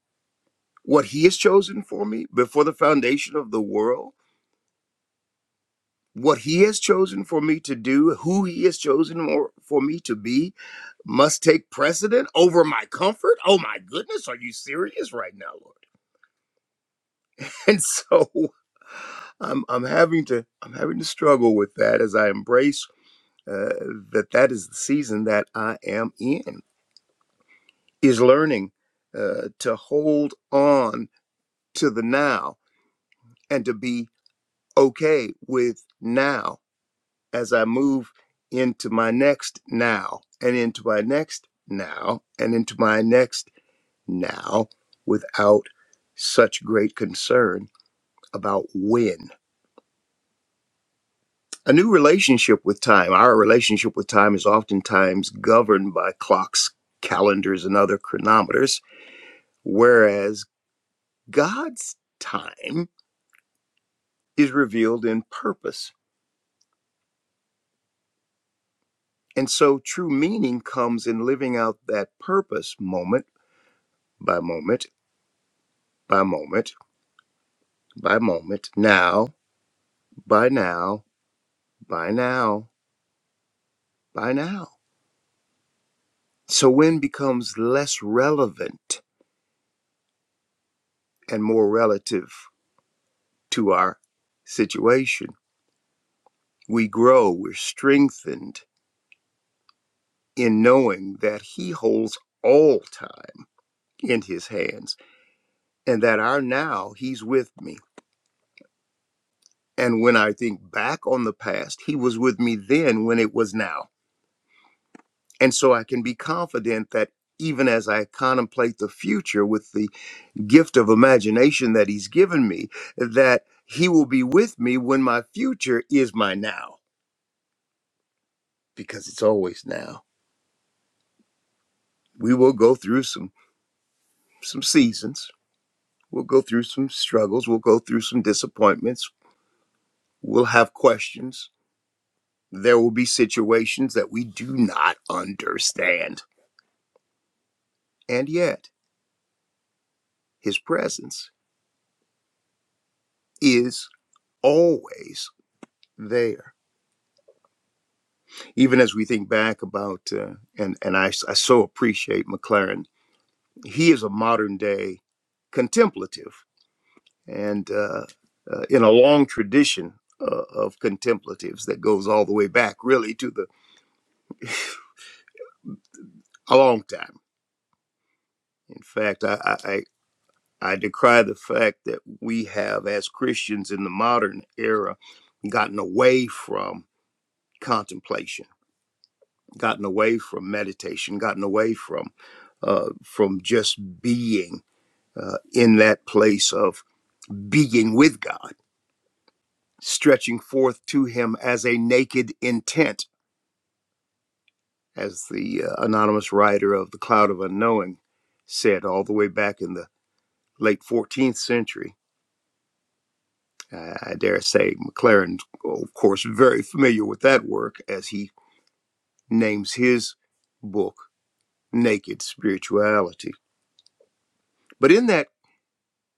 Speaker 2: what He has chosen for me before the foundation of the world, what He has chosen for me to do, who He has chosen or for me to be, must take precedent over my comfort. Oh my goodness, are you serious right now, Lord? And so I'm, I'm having to I'm having to struggle with that as I embrace uh, that that is the season that I am in is learning uh, to hold on to the now and to be okay with now as I move into my next now and into my next now and into my next now without such great concern about when. A new relationship with time. Our relationship with time is oftentimes governed by clocks, calendars, and other chronometers, whereas God's time is revealed in purpose And so true meaning comes in living out that purpose moment by moment, by moment, by moment, now, by now, by now, by now. So when becomes less relevant and more relative to our situation, we grow, we're strengthened in knowing that He holds all time in His hands and that our now, He's with me. And when I think back on the past, he was with me then when it was now. And so I can be confident that even as I contemplate the future with the gift of imagination that he's given me, that he will be with me when my future is my now, because it's always now. We will go through some some seasons. We'll go through some struggles. We'll go through some disappointments. We'll have questions. There will be situations that we do not understand. And yet, His presence is always there. Even as we think back about, uh, and, and I, I so appreciate McLaren, he is a modern day contemplative and uh, uh, in a long tradition uh, of contemplatives that goes all the way back really to the a long time in fact I, I i I decry the fact that we have as christians in the modern era gotten away from contemplation gotten away from meditation, gotten away from uh, from just being uh, in that place of being with God, stretching forth to Him as a naked intent, as the uh, anonymous writer of the Cloud of Unknowing said, all the way back in the late 14th century. Uh, I dare say McLaren, of course, very familiar with that work as he names his book "Naked Spirituality." But in that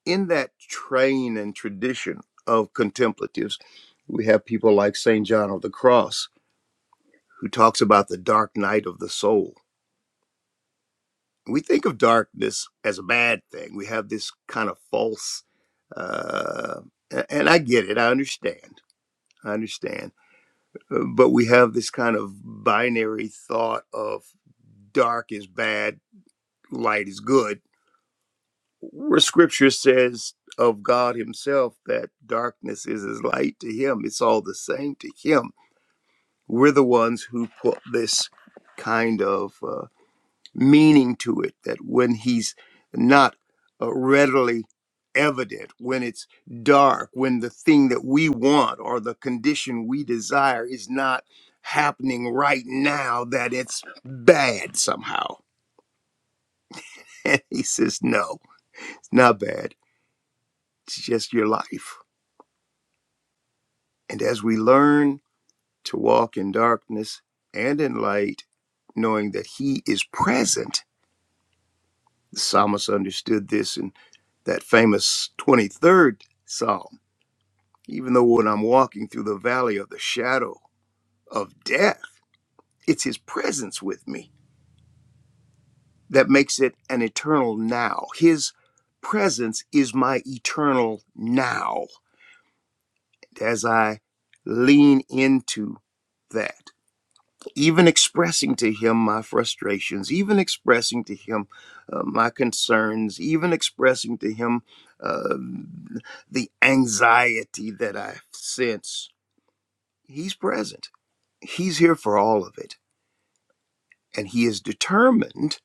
Speaker 2: in that train and tradition of contemplatives, we have people like St. John of the Cross, who talks about the dark night of the soul. We think of darkness as a bad thing. We have this kind of false, uh, and I get it, I understand. I understand. Uh, But we have this kind of binary thought of dark is bad, light is good where scripture says of God Himself that darkness is as light to Him, it's all the same to Him. We're the ones who put this kind of uh, meaning to it that when He's not uh, readily evident, when it's dark, when the thing that we want or the condition we desire is not happening right now, that it's bad somehow. And He says, No, it's not bad. It's just your life And as we learn to walk in darkness and in light, knowing that He is present, the psalmist understood this in that famous 23rd psalm. Even though when I'm walking through the valley of the shadow of death, it's His presence with me that makes it an eternal now. His presence is my eternal now. And as I lean into that, even expressing to him my frustrations, even expressing to him uh, my concerns, even expressing to him uh, the anxiety that I sense, he's present. He's here for all of it. And he is determined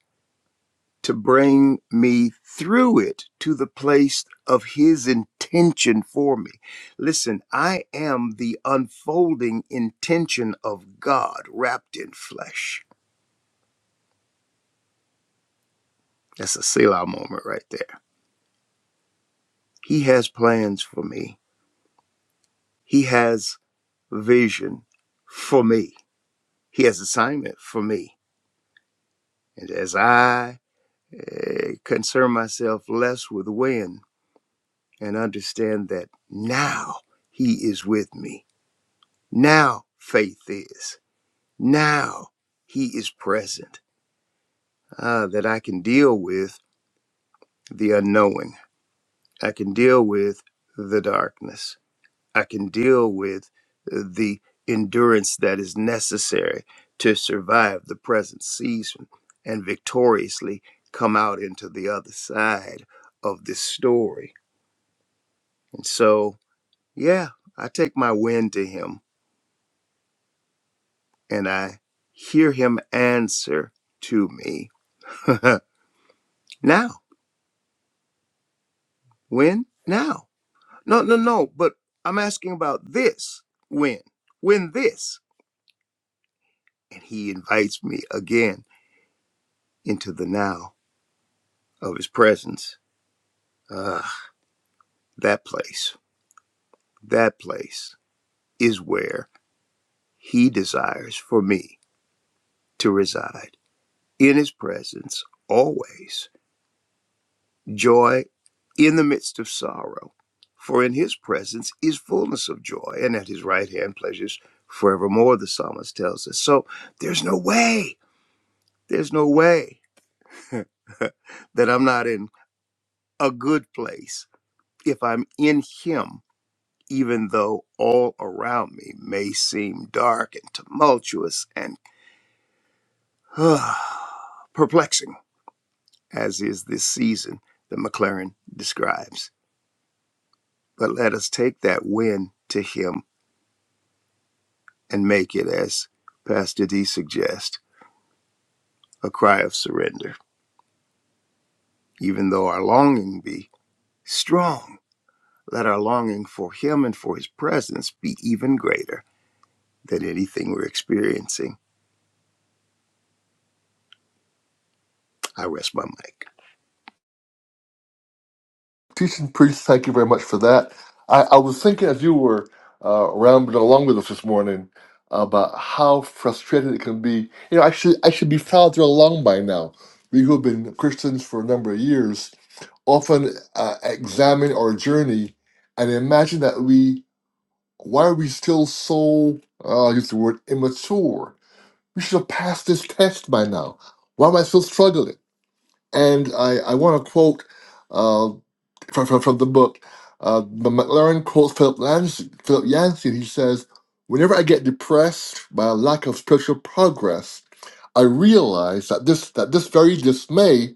Speaker 2: to bring me through it to the place of his intention for me. Listen, I am the unfolding intention of God wrapped in flesh. That's a Selah moment right there He has plans for me. He has vision for me. He has assignment for me. And as I eh, concern myself less with when and understand that now He is with me, now faith is, now He is present, ah, that I can deal with the unknowing. I can deal with the darkness. I can deal with uh, the endurance that is necessary to survive the present season and victoriously come out into the other side of this story. And so, yeah, I take my win to him and I hear him answer to me now. When? Now. No, no, no, but I'm asking about this. When? When this? And he invites me again into the now of his presence. Ah, that place, that place is where he desires for me to reside. In his presence, always joy in the midst of sorrow. For in his presence is fullness of joy, and at his right hand pleasures forevermore, the psalmist tells us. So there's no way, there's no way that I'm not in a good place if I'm in him even though all around me may seem dark and tumultuous and perplexing, as is this season that McLaren describes. But let us take that win to Him and make it, as Pastor D suggests, a cry of surrender. Even though our longing be strong, let our longing for Him and for His presence be even greater than anything we're experiencing. I rest my mic.
Speaker 1: Teaching priest, thank you very much for that. I, I was thinking as you were uh, rambling along with us this morning about how frustrated it can be. You know, I should I should be farther along by now. We who have been Christians for a number of years often uh, examine our journey and imagine that we why are we still so uh, I'll use the word immature? We should have passed this test by now. Why am I still struggling? And I, I want to quote uh, from, from, from the book. Uh, the McLaren quotes Philip Yancey, Philip Yancey. He says, "Whenever I get depressed by a lack of spiritual progress, I realize that this that this very dismay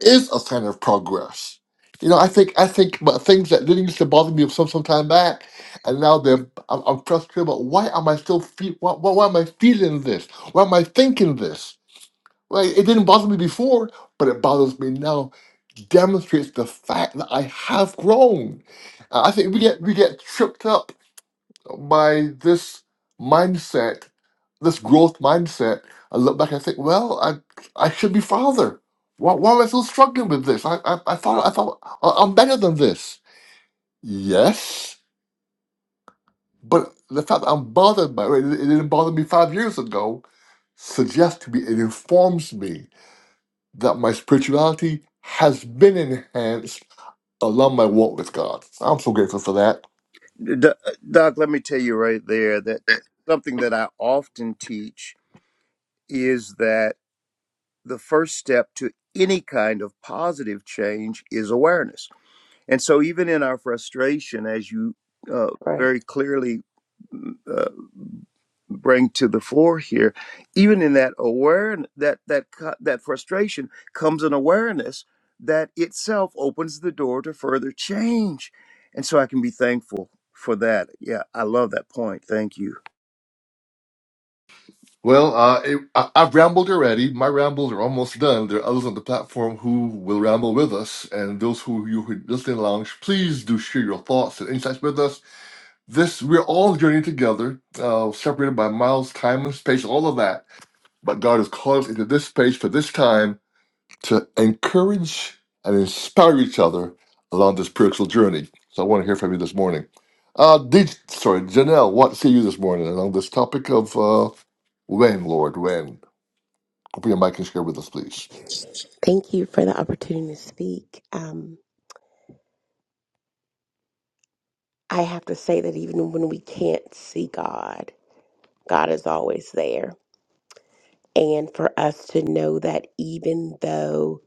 Speaker 1: is a sign of progress." You know, I think I think about things that didn't used to bother me some some time back, and now they're I'm, I'm frustrated about why am I still feel why, why, why am I feeling this? Why am I thinking this? Well, it didn't bother me before, but it bothers me now demonstrates the fact that I have grown. Uh, I think we get we get tripped up by this mindset, this growth mindset. I look back and I think, well, I I should be farther. Why, why am I still struggling with this? I, I, I thought I thought I- I'm better than this. Yes, but the fact that I'm bothered by it, it didn't bother me five years ago, suggests to me it informs me that my spirituality has been enhanced I love my walk with God. I'm so grateful for that.
Speaker 2: Doc, Doc, let me tell you right there that something that I often teach is that the first step to any kind of positive change is awareness. And so, even in our frustration, as you uh,
Speaker 4: Right.
Speaker 2: very clearly uh, bring to the floor here, even in that awareness, that that co- that frustration comes an awareness that itself opens the door to further change. And so, I can be thankful for that. Yeah, I love that point. Thank you.
Speaker 1: Well, uh, it, I, I've rambled already. My rambles are almost done. There are others on the platform who will ramble with us, and those who you who are listening along, please do share your thoughts and insights with us. This we're all journeying together, uh, separated by miles, time, and space, all of that. But God has called us into this space for this time to encourage and inspire each other along the spiritual journey. So I want to hear from you this morning. Uh, did, sorry, Janelle, want to see you this morning along this topic of uh, when, Lord, when? Open your mic and share with us, please.
Speaker 4: Thank you for the opportunity to speak. Um, I have to say that even when we can't see God, God is always there. And for us to know that even though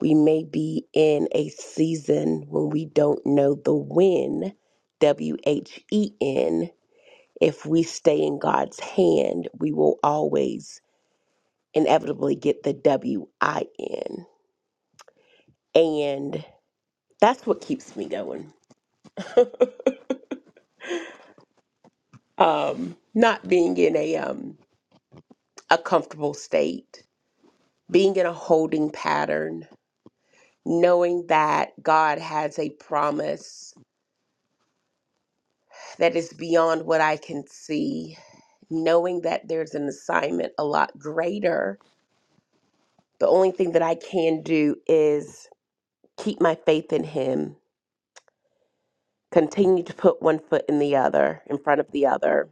Speaker 4: we may be in a season when we don't know the when, W H E N, if we stay in God's hand, we will always inevitably get the W I N. And that's what keeps me going um, not being in a um, a comfortable state, being in a holding pattern, knowing that God has a promise that is beyond what I can see, knowing that there's an assignment a lot greater. The only thing that I can do is keep my faith in Him, continue to put one foot in the other, in front of the other,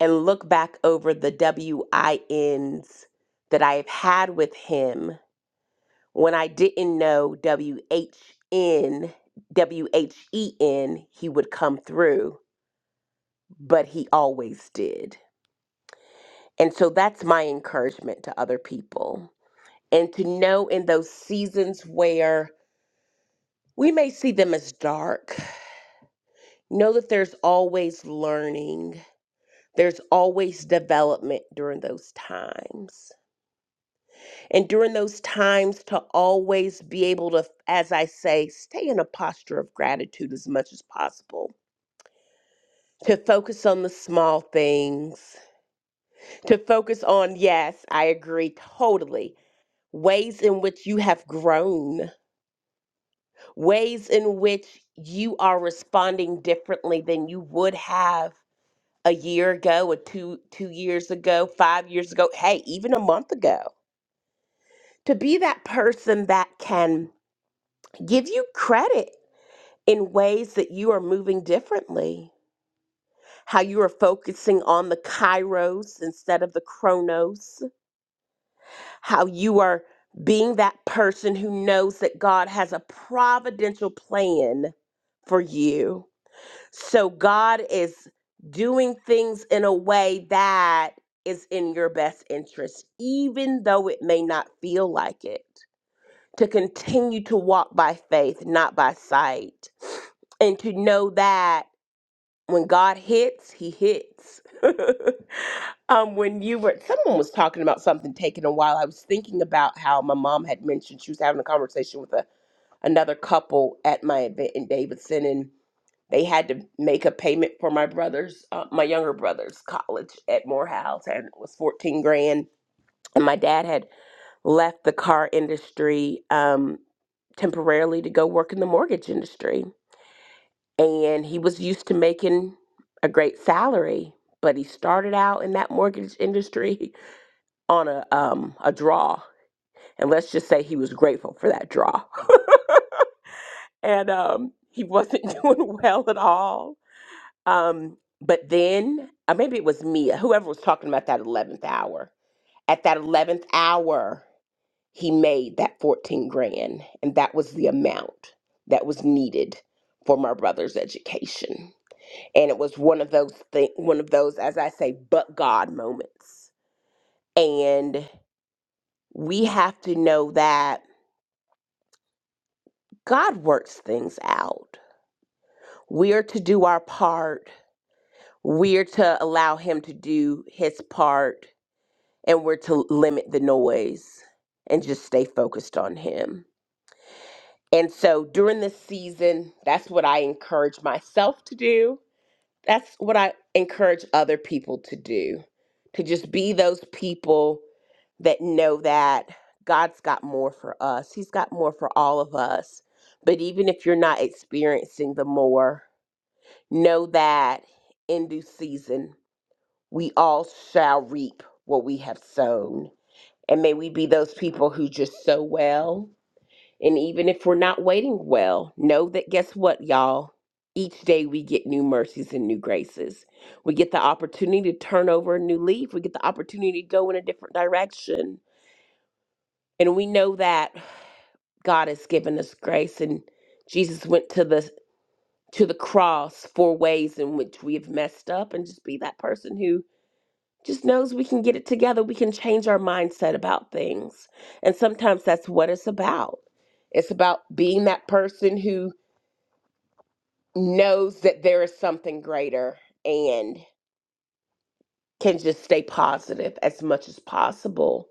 Speaker 4: and look back over the W I Ns that I've had with Him when I didn't know WHN, WHEN, he would come through, but he always did. And so that's my encouragement to other people. And to know in those seasons where we may see them as dark, know that there's always learning, there's always development during those times. And during those times, to always be able to, as I say, stay in a posture of gratitude as much as possible to focus on the small things, to focus on, yes, I agree totally, ways in which you have grown, ways in which you are responding differently than you would have a year ago or two two years ago, 5 years ago, hey, even a month ago. To be that person that can give you credit in ways that you are moving differently, how you are focusing on the kairos instead of the chronos how you are being that person who knows that God has a providential plan for you. So God is doing things in a way that is in your best interest, even though it may not feel like it. To continue to walk by faith, not by sight, and to know that when God hits, he hits. um, when you were, someone was talking about something taking a while. I was thinking about how my mom had mentioned she was having a conversation with a, another couple at my event in Davidson, and they had to make a payment for my brother's, uh, my younger brother's college at Morehouse, and it was 14 grand. And my dad had left the car industry um, temporarily to go work in the mortgage industry and he was used to making a great salary but he started out in that mortgage industry on a um a draw and let's just say he was grateful for that draw and um he wasn't doing well at all um but then uh, maybe it was Mia whoever was talking about that 11th hour at that 11th hour he made that 14 grand and that was the amount that was needed for my brother's education and it was one of those thing one of those as i say but god moments and we have to know that god works things out we're to do our part we're to allow him to do his part and we're to limit the noise and just stay focused on him and so during this season that's what i encourage myself to do that's what I encourage other people to do to just be those people that know that God's got more for us. He's got more for all of us. But even if you're not experiencing the more, know that in due season, we all shall reap what we have sown. And may we be those people who just sow well and even if we're not waiting well, know that guess what, y'all? Each day we get new mercies and new graces. We get the opportunity to turn over a new leaf. We get the opportunity to go in a different direction. And we know that God has given us grace and Jesus went to the to the cross for ways in which we have messed up and just be that person who just knows we can get it together. We can change our mindset about things. And sometimes that's what it's about. It's about being that person who knows that there is something greater and can just stay positive as much as possible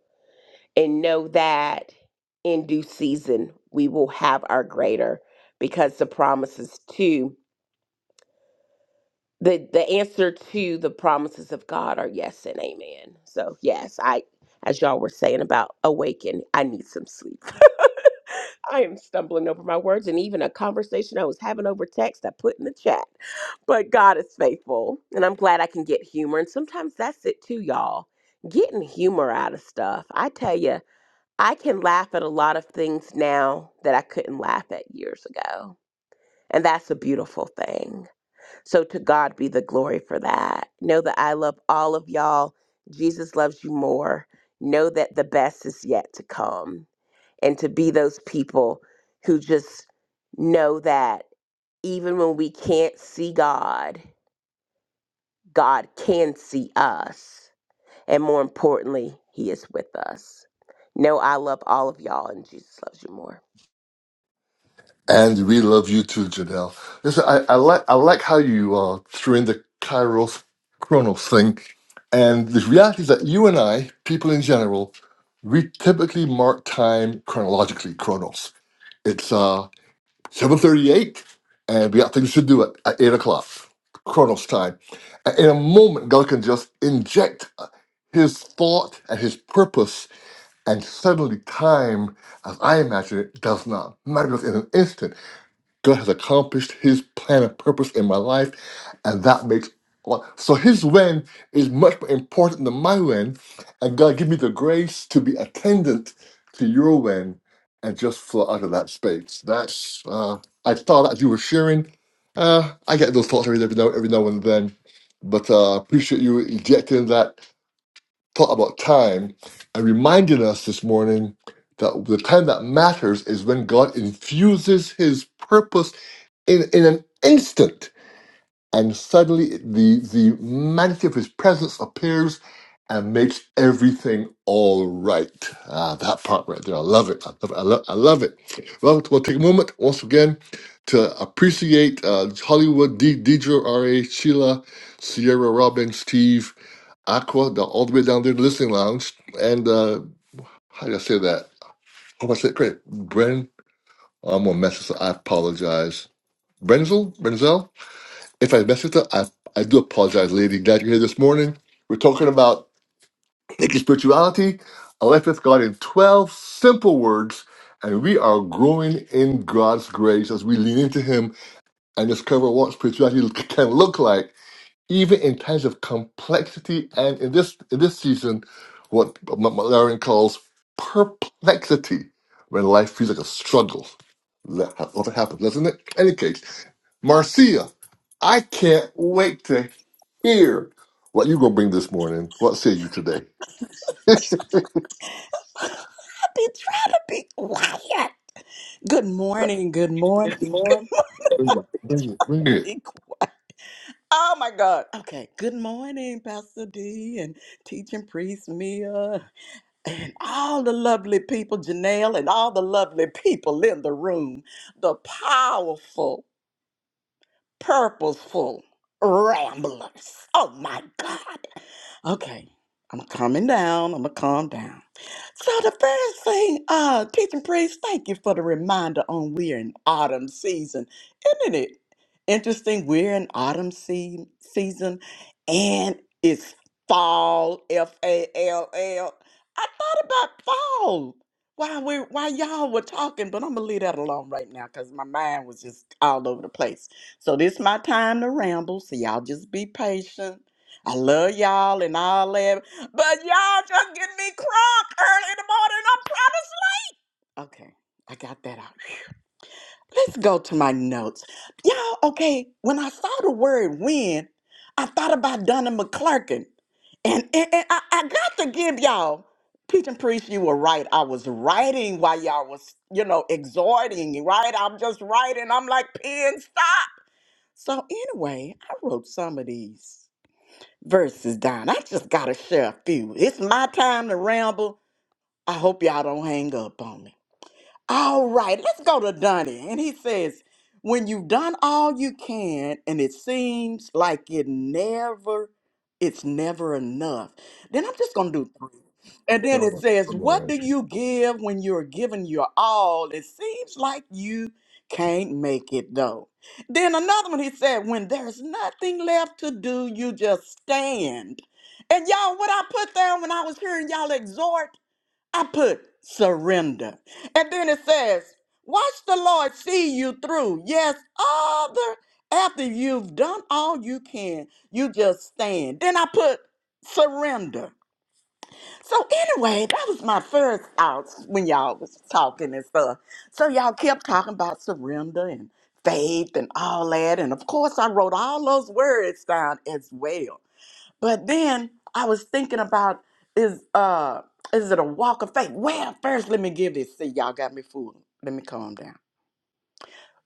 Speaker 4: and know that in due season we will have our greater because the promises to the the answer to the promises of God are yes and amen. So yes, I as y'all were saying about awaken, I need some sleep. I am stumbling over my words and even a conversation I was having over text I put in the chat. But God is faithful, and I'm glad I can get humor. And sometimes that's it too, y'all. Getting humor out of stuff. I tell you, I can laugh at a lot of things now that I couldn't laugh at years ago. And that's a beautiful thing. So to God be the glory for that. Know that I love all of y'all. Jesus loves you more. Know that the best is yet to come and to be those people who just know that even when we can't see God, God can see us. And more importantly, He is with us. No, I love all of y'all, and Jesus loves you more.
Speaker 1: And we love you too, Janelle. Listen, I, I like I like how you uh, threw in the Kairos Chronos thing. And the reality is that you and I, people in general, we typically mark time chronologically, Chronos. It's uh 7.38 and we got things to do at, at 8 o'clock chronos time and in a moment god can just inject uh, his thought and his purpose and suddenly time as i imagine it does not matter in an instant God has accomplished his plan and purpose in my life, and that makes a lot. so his when is much more important than my when, and God give me the grace to be attendant to your when and just flow out of that space. That's uh I thought as you were sharing, uh I get those thoughts every every now every now and then. But uh appreciate you ejecting that thought about time and reminding us this morning that the time that matters is when God infuses his purpose in, in an instant. And suddenly the, the magnitude of his presence appears and makes everything all right. Ah, that part right there. I love it. I love it. I love, I love it. Well, we'll take a moment once again to appreciate uh, Hollywood, D, Deidre, R.A., Sheila, Sierra, Robin, Steve, Aqua, the, all the way down there in the listening lounge. And uh, how do I say that? How do I say it? Great. Bren, I'm going to mess this up. I apologize. Brenzel? Brenzel? If I mess it up, I, I do apologize, lady. Glad you're here this morning. We're talking about naked spirituality, a life with God in 12 simple words, and we are growing in God's grace as we lean into Him and discover what spirituality l- can look like, even in times of complexity and in this in this season, what McLaren calls perplexity, when life feels like a struggle. That- That's what happens, doesn't it? Any case. Marcia, I can't wait to hear what you're going to bring this morning. What say you today? Good
Speaker 5: I've been trying to be quiet. Good morning. Good morning.
Speaker 1: morning. bring it. Bring it. Bring it.
Speaker 5: Be qu- Oh my God. Okay. Good morning, Pastor D and teaching priest Mia and all the lovely people, Janelle, and all the lovely people in the room. The powerful, purposeful ramblers. Oh my God. Okay, I'm coming down. I'm gonna calm down. So the first thing, uh, teaching priest, thank you for the reminder on we're in autumn season. Isn't it interesting? We're in autumn sea season and it's fall, F-A-L-L. I thought about fall while we while y'all were talking, but I'm gonna leave that alone right now because my mind was just all over the place. So this is my time to ramble, so y'all just be patient. I love y'all and all that, but y'all just getting me crunk early in the morning. I'm trying to sleep. Okay, I got that out. Let's go to my notes. Y'all, okay, when I saw the word win, I thought about Donna McClurkin. And, and, and I, I got to give y'all, Peach and Priest, you were right. I was writing while y'all was, you know, exhorting, right? I'm just writing. I'm like, pen, stop. So anyway, I wrote some of these verses down. I just got to share a few. It's my time to ramble. I hope y'all don't hang up on me. All right, let's go to Donnie. And he says, When you've done all you can and it seems like it never, it's never enough, then I'm just going to do three. And
Speaker 1: Come
Speaker 5: then it
Speaker 1: on.
Speaker 5: says,
Speaker 1: Come
Speaker 5: What
Speaker 1: on.
Speaker 5: do you give when you're giving your all? It seems like you can't make it though. Then another one he said, When there's nothing left to do, you just stand. And y'all, what I put down when I was hearing y'all exhort I put surrender. And then it says, Watch the Lord see you through. Yes, other. After you've done all you can, you just stand. Then I put surrender. So anyway, that was my first thoughts when y'all was talking and stuff. So y'all kept talking about surrender and faith and all that. And of course I wrote all those words down as well. But then I was thinking about is uh is it a walk of faith? Well, first let me give this. See, y'all got me fooled. Let me calm down.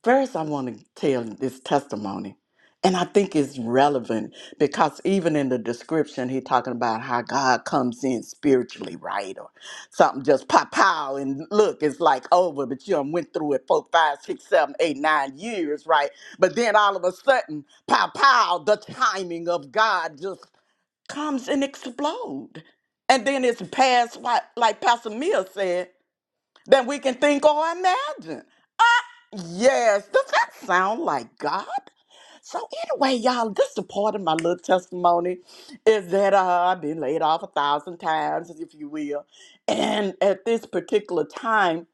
Speaker 5: First, I want to tell this testimony, and I think it's relevant because even in the description, he's talking about how God comes in spiritually, right, or something just pop pow and look, it's like over, but you done went through it four, five, six, seven, eight, nine years, right? But then all of a sudden, pow pow, the timing of God just comes and explode. And then it's past what, like Pastor Mia said, that we can think or imagine. Yes, does that sound like God? So anyway, y'all, this is the part of my little testimony is that uh, I've been laid off a thousand times, if you will. And at this particular time,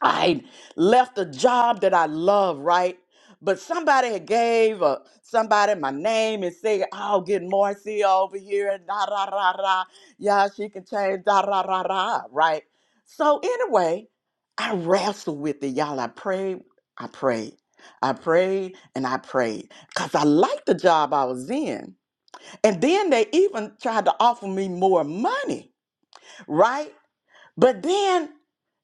Speaker 5: I left a job that I love, right? But somebody had gave uh, somebody my name and said, "Oh, get Marcia over here and da da da da. Yeah, she can change da da da da." Right. So anyway, I wrestled with it, y'all. I prayed, I prayed, I prayed, and I prayed because I liked the job I was in. And then they even tried to offer me more money, right? But then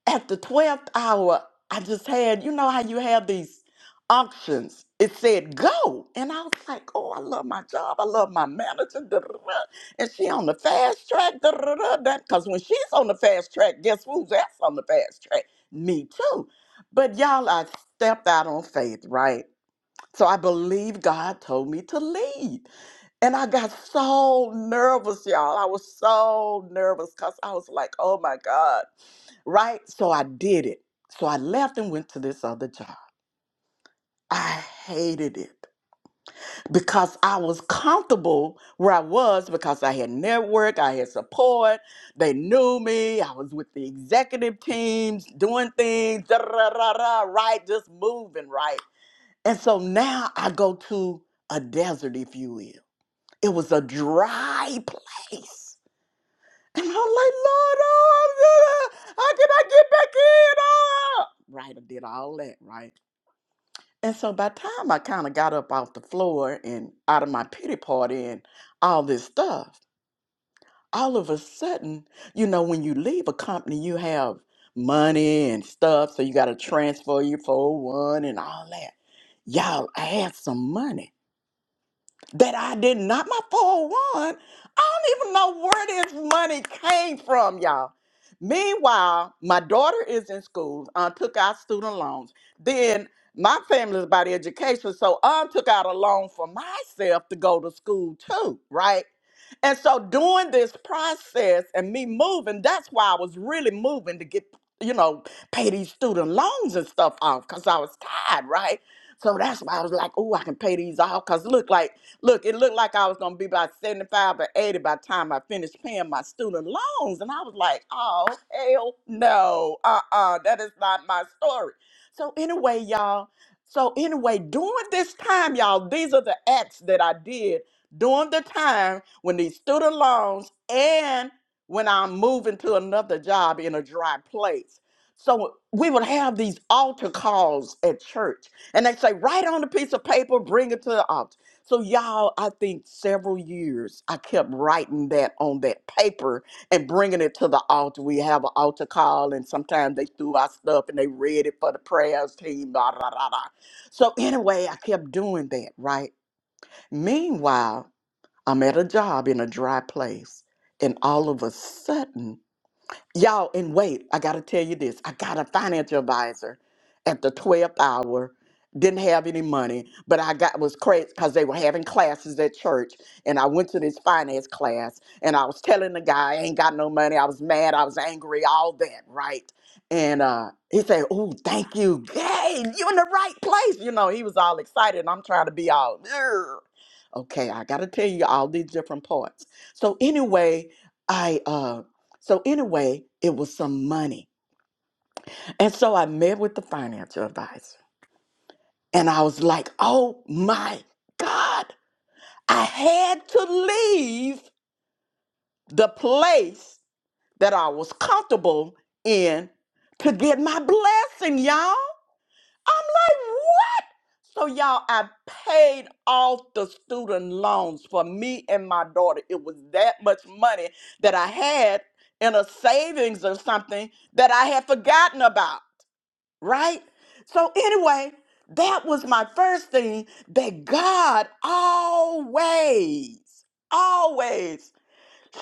Speaker 5: at the 12th hour, I just had, you know how you have these auctions. It said go. And I was like, oh, I love my job. I love my manager. da, da, da, And she on the fast track. Because when she's on the fast track, guess who's else on the fast track? Me too. But y'all, I stepped out on faith, right? So I believe God told me to leave. And I got so nervous, y'all. I was so nervous because I was like, oh my God right? So I did it. So I left and went to this other job. I hated it because I was comfortable where I was because I had network, I had support, they knew me, I was with the executive teams doing things, da, da, da, da, right? Just moving, right? And so now I go to a desert, if you will. It was a dry place. And I'm like, Lord, oh, how can I get back in? Oh. Right, I did all that, right? And so by the time I kind of got up off the floor and out of my pity party and all this stuff, all of a sudden, you know, when you leave a company, you have money and stuff, so you got to transfer your 401 and all that. Y'all, I had some money that I did not my 401. I don't even know where this money came from, y'all. Meanwhile, my daughter is in school, uh, took out student loans. Then my family is about education, so I took out a loan for myself to go to school too, right? And so doing this process and me moving, that's why I was really moving to get, you know, pay these student loans and stuff off because I was tired, right? So that's why I was like, oh, I can pay these off because look like Look, it looked like I was gonna be about 75 or 80 by the time I finished paying my student loans. And I was like, oh hell no. Uh-uh, that is not my story. So anyway, y'all. So anyway, during this time, y'all, these are the acts that I did during the time when these student loans and when I'm moving to another job in a dry place. So we would have these altar calls at church, and they say, write on a piece of paper, bring it to the altar so y'all, I think several years I kept writing that on that paper and bringing it to the altar. We have an altar call, and sometimes they threw our stuff and they read it for the prayers team. Da, da, da, da. So anyway, I kept doing that. Right. Meanwhile, I'm at a job in a dry place, and all of a sudden Y'all, and wait, I gotta tell you this. I got a financial advisor at the 12th hour, didn't have any money, but I got was crazy because they were having classes at church. And I went to this finance class and I was telling the guy I ain't got no money. I was mad, I was angry, all that, right? And uh he said, Oh, thank you. Hey, you in the right place. You know, he was all excited. and I'm trying to be all "Ugh." okay. I gotta tell you all these different parts. So anyway, I um so anyway, it was some money. And so I met with the financial advisor and I was like, oh my God, I had to leave the place that I was comfortable in to get my blessing, y'all. I'm like, what? So y'all, I paid off the student loans for me and my daughter. It was that much money that I had in a savings or something that I had forgotten about. right? So, anyway, that was my first thing that God always, always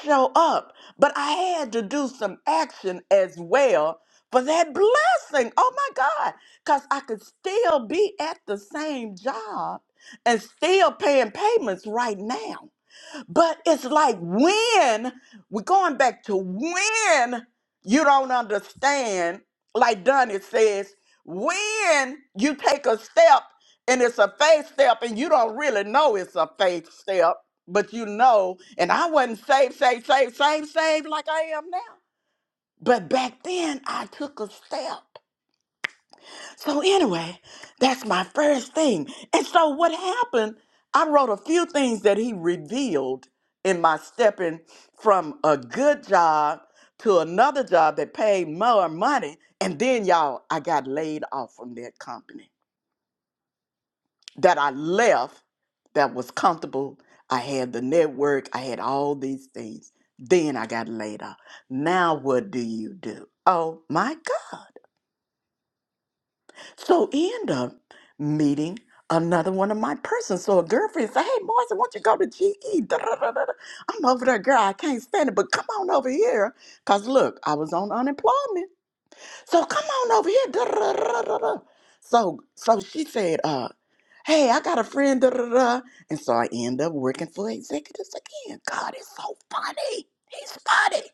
Speaker 5: show up. But I had to do some action as well for that blessing. Oh my God. Because I could still be at the same job and still paying payments right now. But it's like when we're going back to when you don't understand, like Donnie says, when you take a step and it's a faith step and you don't really know it's a faith step, but you know, and I wasn't saved, saved, saved, saved, saved like I am now. But back then I took a step so anyway, that's my first thing. And so what happened? I wrote a few things that he revealed in my stepping from a good job to another job that paid more money. And then y'all, I got laid off from that company that I left that was comfortable. I had the network, I had all these things. Then I got laid off. Now what do you do? Oh my God. So he ended up meeting another one of my persons. So a girlfriend said, Hey, Marcy, won't you go to GE? Da, da, da, da, da. I'm over there, girl. I can't stand it, but come on over here. Because look, I was on unemployment. So come on over here. Da, da, da, da, da, So, so she said, uh, Hey, I got a friend. Da, da, da. And so I end up working for executives again. God, it's so funny. He's funny.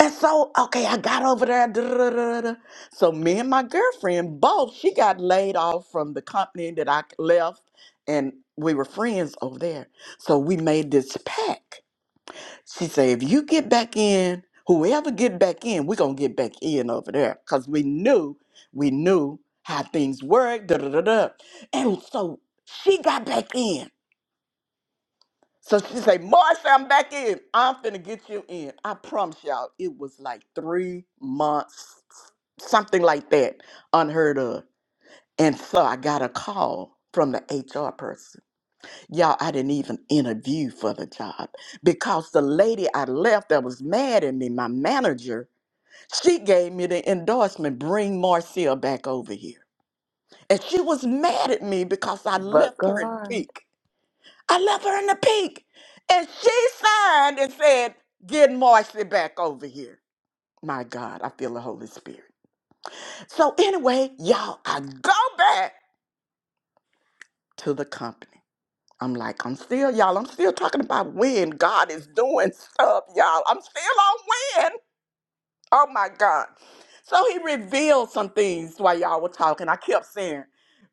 Speaker 5: And so, okay, I got over there. duh, duh, duh, duh, duh. So me and my girlfriend both, she got laid off from the company that I left, and we were friends over there. So we made this pact. She said, if you get back in, whoever get back in, we're gonna get back in over there. Cause we knew, we knew how things work. Duh, duh, duh, duh. And so she got back in. So she say, Marsha, I'm back in. I'm finna get you in. I promise y'all, it was like three months, something like that, unheard of. And so I got a call from the HR person. Y'all, I didn't even interview for the job because the lady I left that was mad at me, my manager, she gave me the endorsement, bring Marcia back over here. And she was mad at me because I
Speaker 4: But
Speaker 5: left her in the
Speaker 4: God,
Speaker 5: peak. I left her in the pink. And she signed and said, Get Marcy back over here. My God, I feel the Holy Spirit. So, anyway, y'all, I go back to the company. I'm like, I'm still, y'all, I'm still talking about when God is doing stuff, y'all. I'm still on when. Oh my God. So he revealed some things while y'all were talking. I kept saying,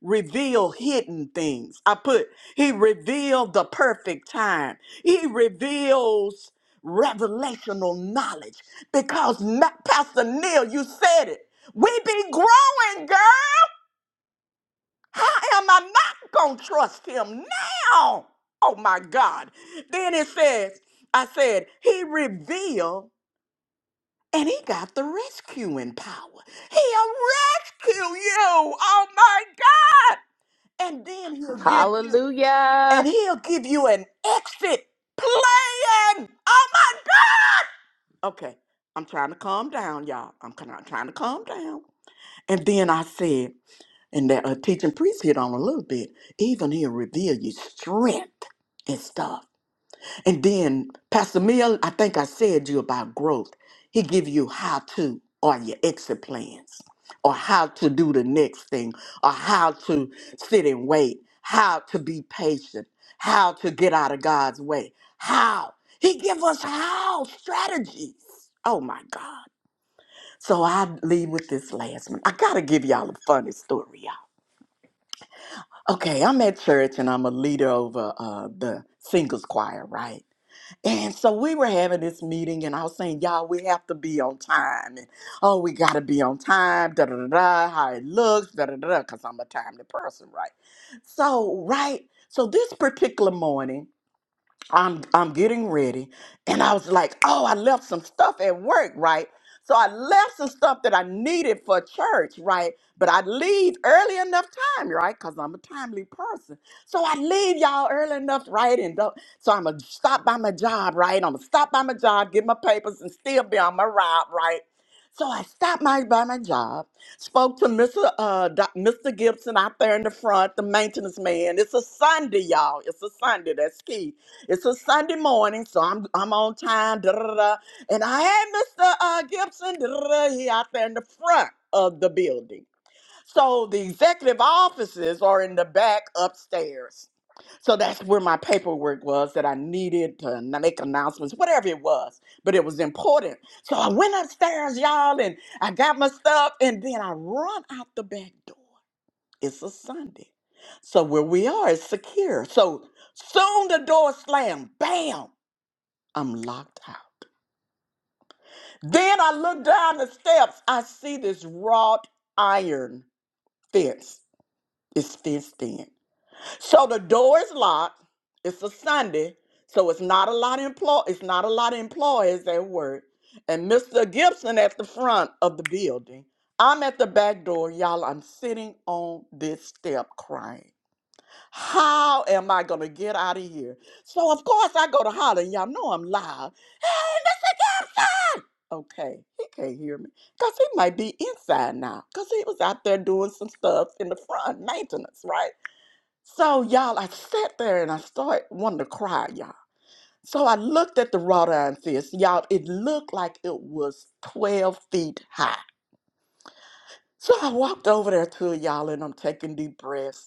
Speaker 5: reveal hidden things. I put, he revealed the perfect time. He reveals revelational knowledge because Ma- Pastor Neil, you said it. We be growing, girl. How am I not going to trust him now? Oh my God. Then it says, I said, he revealed and he got the rescuing power. He'll rescue you. Oh my God. And then he'll give you and
Speaker 4: hallelujah.
Speaker 5: he'll give you an exit plan. Oh my God. Okay. I'm trying to calm down, y'all. I'm kind of trying to calm down. And then I said, and that uh, teaching priest hit on a little bit, even he'll reveal your strength and stuff. And then Pastor Mill, I think I said you about growth. He give you how to or your exit plans or how to do the next thing or how to sit and wait, how to be patient, how to get out of God's way. How? He give us how strategies. Oh my God. So I leave with this last one. I gotta give y'all a funny story, y'all. Okay, I'm at church and I'm a leader over uh, the singles choir, right? And so we were having this meeting, and I was saying, y'all, we have to be on time. And oh, we got to be on time, da da da da, how it looks, da da da da, because I'm a timely person, right? So, right. So this particular morning, I'm I'm getting ready, and I was like, oh, I left some stuff at work, right? So I left some stuff that I needed for church, right? But I leave early enough time, right? Cause I'm a timely person. So I leave y'all early enough, right? And don't- so I'm gonna stop by my job, right? I'm gonna stop by my job, get my papers, and still be on my ride, right? So I stopped my, by my job, spoke to Mr. Uh, Doc- Mr. Gibson out there in the front, the maintenance man. It's a Sunday, y'all. It's a Sunday. That's key it's a Sunday morning, so I'm I'm on time. Da, da, da, da. And I had Mr. Uh, Gibson da, da, da, he out there in the front of the building. So the executive offices are in the back upstairs. So that's where my paperwork was that I needed to n- make announcements, whatever it was, but it was important. So I went upstairs, y'all, and I got my stuff, and then I run out the back door. It's a Sunday. So where we are is secure. So soon the door slammed. Bam! I'm locked out. Then I look down the steps. I see this wrought iron fence. It's fenced in. So the door is locked. It's a Sunday. So it's not a lot of employ it's not a lot of employees at work. And Mr. Gibson at the front of the building. I'm at the back door, y'all. I'm sitting on this step crying. How am I going to get out of here? So, of course, I go to holler. and Y'all know I'm loud. Hey, Mr. Gibson! Okay, he can't hear me because he might be inside now because he was out there doing some stuff in the front, maintenance, right? So, y'all, I sat there and I started wanting to cry, y'all. So I looked at the wrought iron fence, y'all. It looked like it was 12 feet high. So I walked over there to it, y'all, and I'm taking deep breaths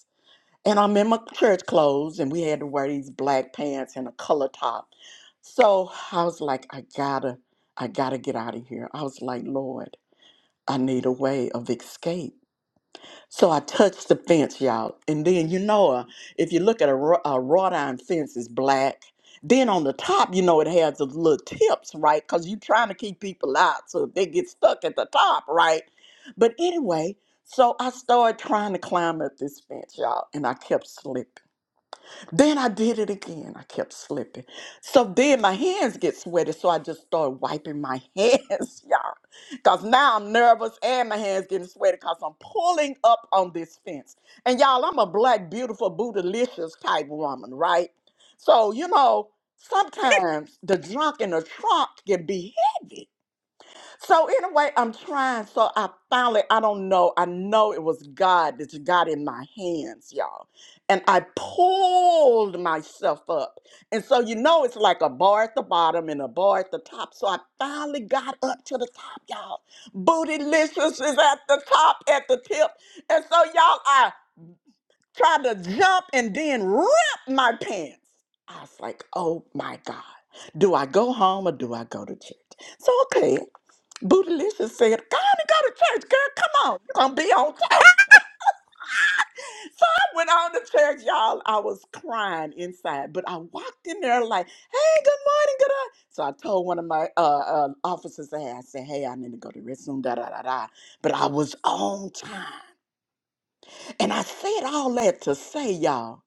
Speaker 5: and I'm in my church clothes, and we had to wear these black pants and a color top. So I was like, I gotta, I gotta get out of here. I was like, Lord, I need a way of escape. So I touched the fence, y'all, and then you know, uh, if you look at a, wr- a wrought iron fence, it's black. Then on the top, you know, it has the little tips, right? Because you're trying to keep people out, so if they get stuck at the top, right? But anyway, so I started trying to climb up this fence, y'all, and I kept slipping. Then I did it again. I kept slipping. So then my hands get sweaty. So I just started wiping my hands, y'all. Because now I'm nervous and my hands getting sweaty because I'm pulling up on this fence. And y'all, I'm a black, beautiful, bootylicious type woman, right? So, you know, sometimes the junk in the trunk can be heavy. So anyway, I'm trying. So I finally, I don't know. I know it was God that got in my hands, y'all. And I pulled myself up. And so you know it's like a bar at the bottom and a bar at the top. So I finally got up to the top, y'all. Bootylicious is at the top, at the tip. And so y'all, I tried to jump and then rip my pants. I was like, oh my God. Do I go home or do I go to church? So okay. Bootylicious said, "Go on and go to church, girl. Come on, you're gonna be on church." So I went on to church, y'all. I was crying inside, but I walked in there like, "Hey, good morning, good." o-" So I told one of my uh, uh, officers, "Hey, I said, hey, I need to go to the restroom." Da da da da. But I was on time, and I said all that to say, y'all,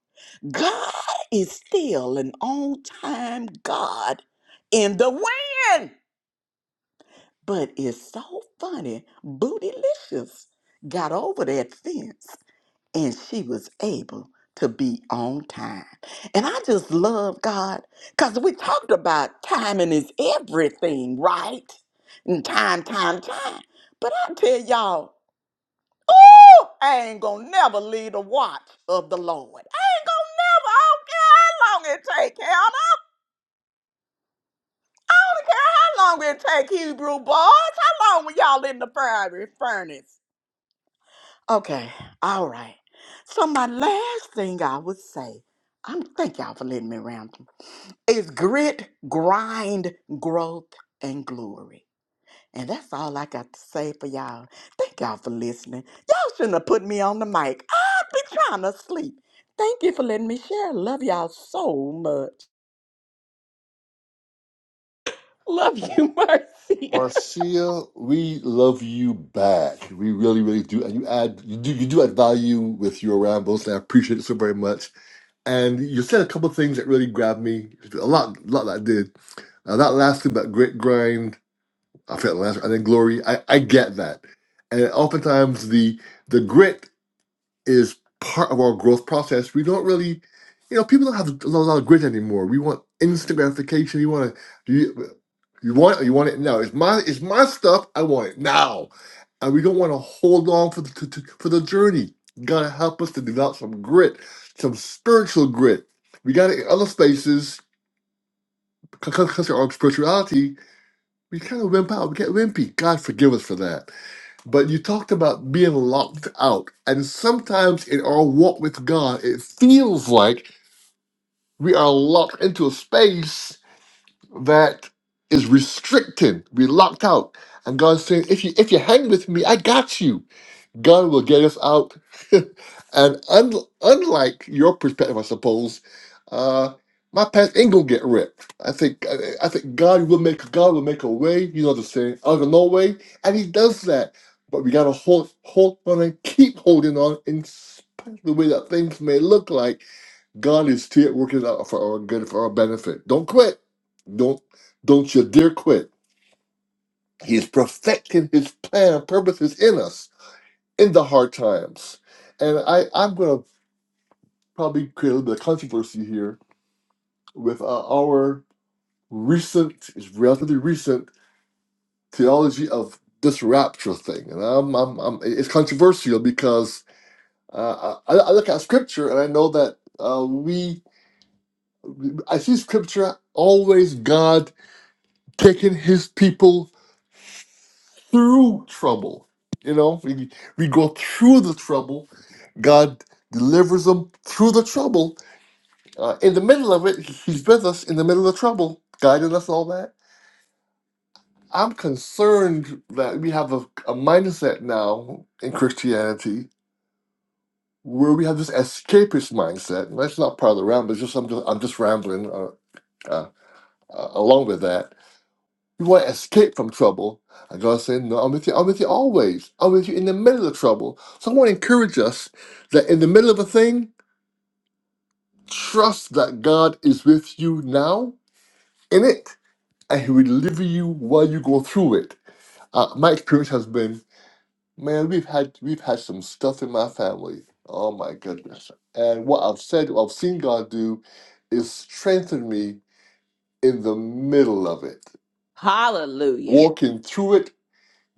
Speaker 5: God is still an on time God in the wind. But it's so funny, Bootylicious got over that fence and she was able to be on time. And I just love God because we talked about timing is everything, right? And time, time, time. But I tell y'all, oh, I ain't gonna never leave the watch of the Lord. I ain't gonna never, I don't care how long it take, Hannah. I don't care how long it take Hebrew boys. How long were y'all in the fiery furnace? Okay, all right. So my last thing I would say, I'm thank y'all for letting me ramble, is grit, grind, growth, and glory. And that's all I got to say for y'all. Thank y'all for listening. Y'all shouldn't have put me on the mic. I've been trying to sleep. Thank you for letting me share. Love y'all so much.
Speaker 4: Love you, mercy.
Speaker 1: Marcia, we love you back. We really, really do. And you add, you do, you do add value with your rambles. And I appreciate it so very much. And you said a couple of things that really grabbed me. A lot, a lot that I did. Uh, that last thing about grit grind. I felt last. I think glory. I, I get that, and oftentimes the the grit is part of our growth process. We don't really, you know, people don't have a lot of grit anymore. We want instant gratification. You want to, you, you want you want it now. It's my it's my stuff. I want it now, and we don't want to hold on for the to, to, for the journey. Gotta help us to develop some grit, some spiritual grit. We got it in other spaces because of our spirituality. We kind of wimp out. We get wimpy. God forgive us for that but you talked about being locked out. And sometimes in our walk with God, it feels like we are locked into a space that is restricted. We're locked out. And God's saying, if you if you hang with me, I got you. God will get us out. and un- unlike your perspective, I suppose, uh, my pants ain't gonna get ripped. I think I, I think God will make God will make a way. You know the saying, out of no way, and He does that. But we gotta hold hold on and keep holding on in spite of the way that things may look like. God is still working out for our good, for our benefit. Don't quit. Don't don't you dare quit. He is perfecting His plan and purposes in us in the hard times. And I, I'm going to probably create a little bit of controversy here with uh, our recent, it's relatively recent theology of this rapture thing. And I'm, I'm, I'm, it's controversial because uh, I, I look at scripture and I know that uh, we, I see scripture always God taking his people through trouble. You know, we, we go through the trouble, God delivers them through the trouble Uh, in the middle of it, he's with us in the middle of trouble, guiding us all that. I'm concerned that we have a, a mindset now in Christianity where we have this escapist mindset. And that's not part of the ramble. It's just I'm just, I'm just rambling uh, uh, uh, along with that. You want to escape from trouble. And God said, No, I'm with you. I'm with you always. I'm with you in the middle of trouble. So I want to encourage us that in the middle of a thing, trust that God is with you now in it and he will deliver you while you go through it. Uh, my experience has been, man, we've had we've had some stuff in my family. Oh my goodness! And what I've said, what I've seen God do, is strengthen me in the middle of it,
Speaker 4: Hallelujah.
Speaker 1: walking through it.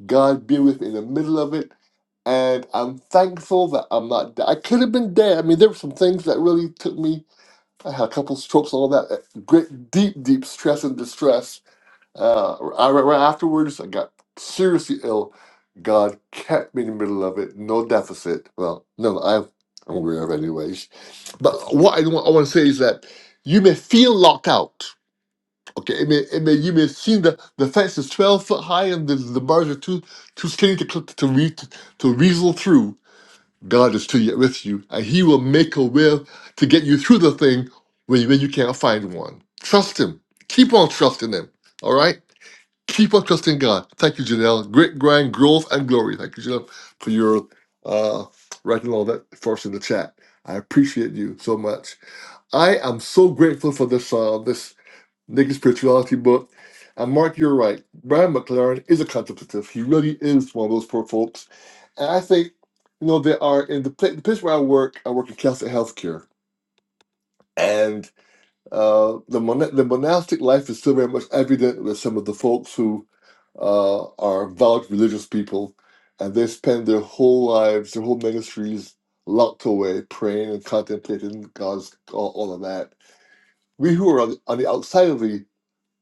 Speaker 1: God be with me in the middle of it, and I'm thankful that I'm not. I could have been dead. I mean, there were some things that really took me. I had a couple strokes, all that uh, great, deep, deep stress and distress Uh, I, right afterwards, I got seriously ill. God kept me in the middle of it. No deficit. Well, no, I have, I'm aware of it anyways. But what I want, I want to say is that you may feel locked out. Okay, it may, it may, you may see the, the fence is 12 foot high and the, the bars are too too skinny to cl- to re, to weasel through. God is still yet with you, and He will make a way to get you through the thing when, you- when you can't find one. Trust Him. Keep on trusting Him. All right? Keep on trusting God. Thank you, Janelle. Great grand growth and glory. Thank you, Janelle, for your uh, writing all that for us in the chat. I appreciate you so much. I am so grateful for this uh, this naked spirituality book. And Mark, you're right. Brian McLaren is a contemplative. He really is one of those poor folks. And I think, you know, they are in the, pla- the place where I work. I work in Catholic healthcare, and uh, the, mon- the monastic life is still very much evident with some of the folks who uh, are vowed religious people, and they spend their whole lives, their whole ministries locked away, praying and contemplating God's all, all of that. We who are on the, on the outside of the,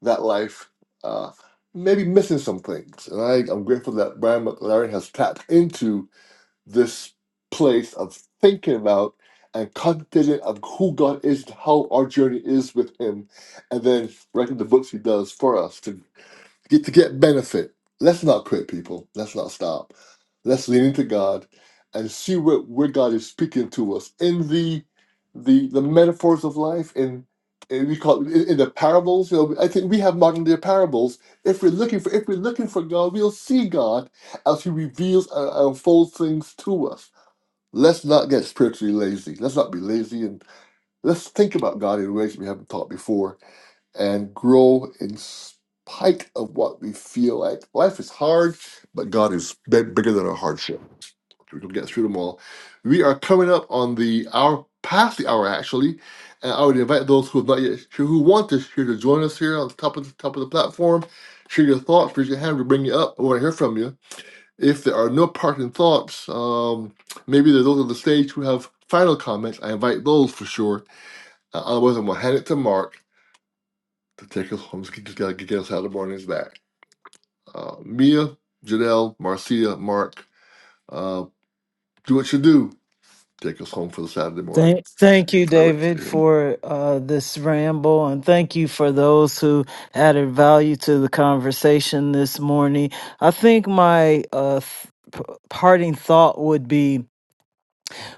Speaker 1: that life, uh, maybe missing some things, and I, I'm grateful that Brian McLaren has tapped into this place of thinking about and contemplating of who God is, how our journey is with Him, and then writing the books He does for us to get to get benefit. Let's not quit, people. Let's not stop. Let's lean into God and see where where God is speaking to us in the the the metaphors of life in and we call in, in the parables. You know, I think we have modern day parables. If we're looking for if we're looking for God, we'll see God as He reveals and unfolds things to us. Let's not get spiritually lazy. Let's not be lazy and let's think about God in ways we haven't thought before and grow in spite of what we feel like. Life is hard, but God is bigger than our hardship. We're going to get through them all. We are coming up on the hour, past the hour actually, and I would invite those who have not yet who want to here to join us here on the top of the top of the platform. Share your thoughts, raise your hand, we bring you up. We want to hear from you. If there are no parting thoughts, um, maybe there are those on the stage who have final comments. I invite those for sure. Uh, otherwise, I'm going to hand it to Mark to take us home. Just get, just gotta get us out of the back. Uh, Mia, Janelle, Marcia, Mark, uh, do what you do. Take us home for the Saturday morning.
Speaker 3: Thank, thank you,
Speaker 1: I rest
Speaker 3: David,
Speaker 1: here.
Speaker 3: for uh, this ramble, and thank you for those who added value to the conversation this morning. I think my uh, th- p- parting thought would be: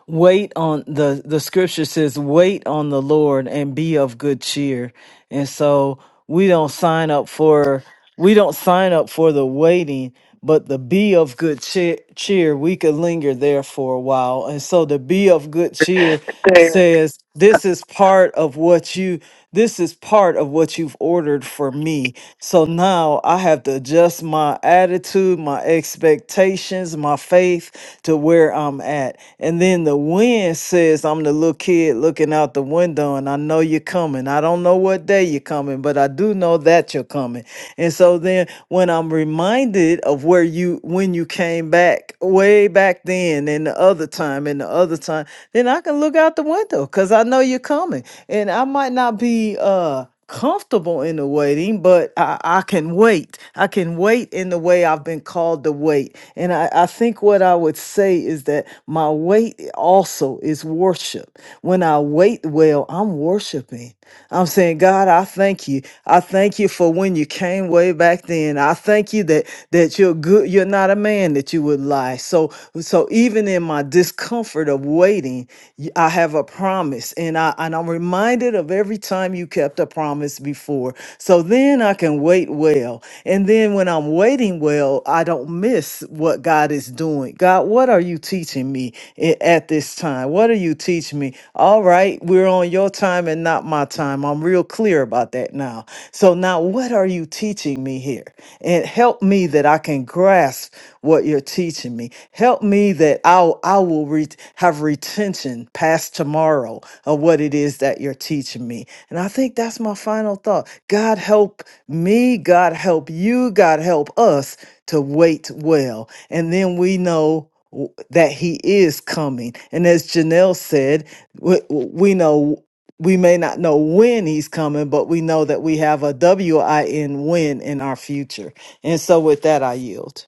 Speaker 3: wait on the the scripture says, "Wait on the Lord and be of good cheer." And so we don't sign up for we don't sign up for the waiting, but the be of good cheer, cheer we could linger there for a while. And so to be of good cheer says this is part of what you this is part of what you've ordered for me so now i have to adjust my attitude my expectations my faith to where i'm at and then the wind says i'm the little kid looking out the window and i know you're coming i don't know what day you're coming but i do know that you're coming and so then when i'm reminded of where you when when you came back way back then and the other time and the other time, then I can look out the window because I know you're coming. And I might not be uh comfortable in the waiting, but I, I can wait. I can wait in the way I've been called to wait. And I, I think what I would say is that my wait also is worship. When I wait well, I'm worshiping. I'm saying, God, I thank thank you. I thank you for when you came way back then. I thank you that that you're good. You're not a man that you would lie. So so even in my discomfort of waiting, y- I have a promise, and I and I'm reminded of every time you kept a promise before. So then I can wait well, and then when I'm waiting well, I don't miss what God is doing. God, what are you teaching me i- at this? time. What do you teach me? All right, we're on your time and not my time. I'm real clear about that now. So now, what are you teaching me here? And help me that I can grasp what you're teaching me. Help me that I'll, I will re- have retention past tomorrow of what it is that you're teaching me. And I think that's my final thought. God help me, God help you, God help us to wait well. And then we know w- that he is coming. And as Janelle said, we, we know we may not know when he's coming, but we know that we have a W I N win in our future. And so with that, I yield.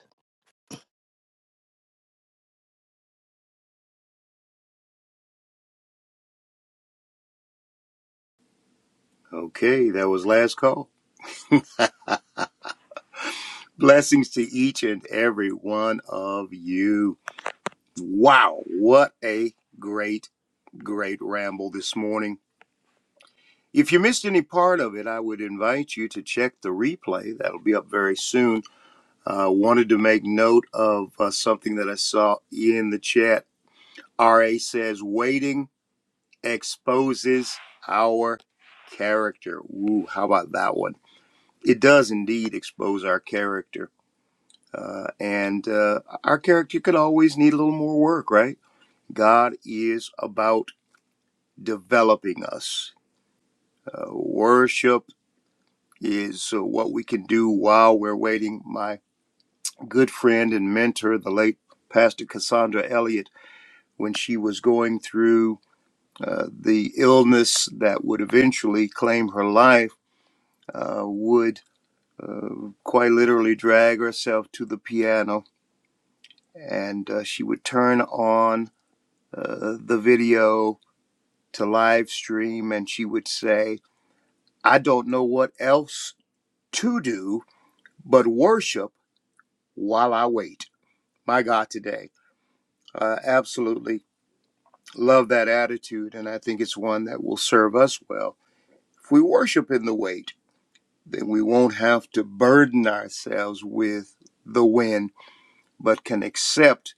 Speaker 2: Okay, that was last call. Blessings to each and every one of you. Wow, what a great, great ramble this morning. If you missed any part of it, I would invite you to check the replay. That'll be up very soon. I uh, wanted to make note of uh, something that I saw in the chat. RA says, waiting exposes our character. Ooh, how about that one? It does indeed expose our character Uh, and uh, our character could always need a little more work, right? God is about developing us. Uh, worship is uh, what we can do while we're waiting. My good friend and mentor, the late Pastor Cassandra Elliott, when she was going through uh, the illness that would eventually claim her life, uh, would uh, quite literally drag herself to the piano and uh, she would turn on uh, the video to live stream, and she would say, I don't know what else to do but worship while I wait. My God, today. Uh, absolutely love that attitude, and I think it's one that will serve us well. If we worship in the wait, then we won't have to burden ourselves with the when but can accept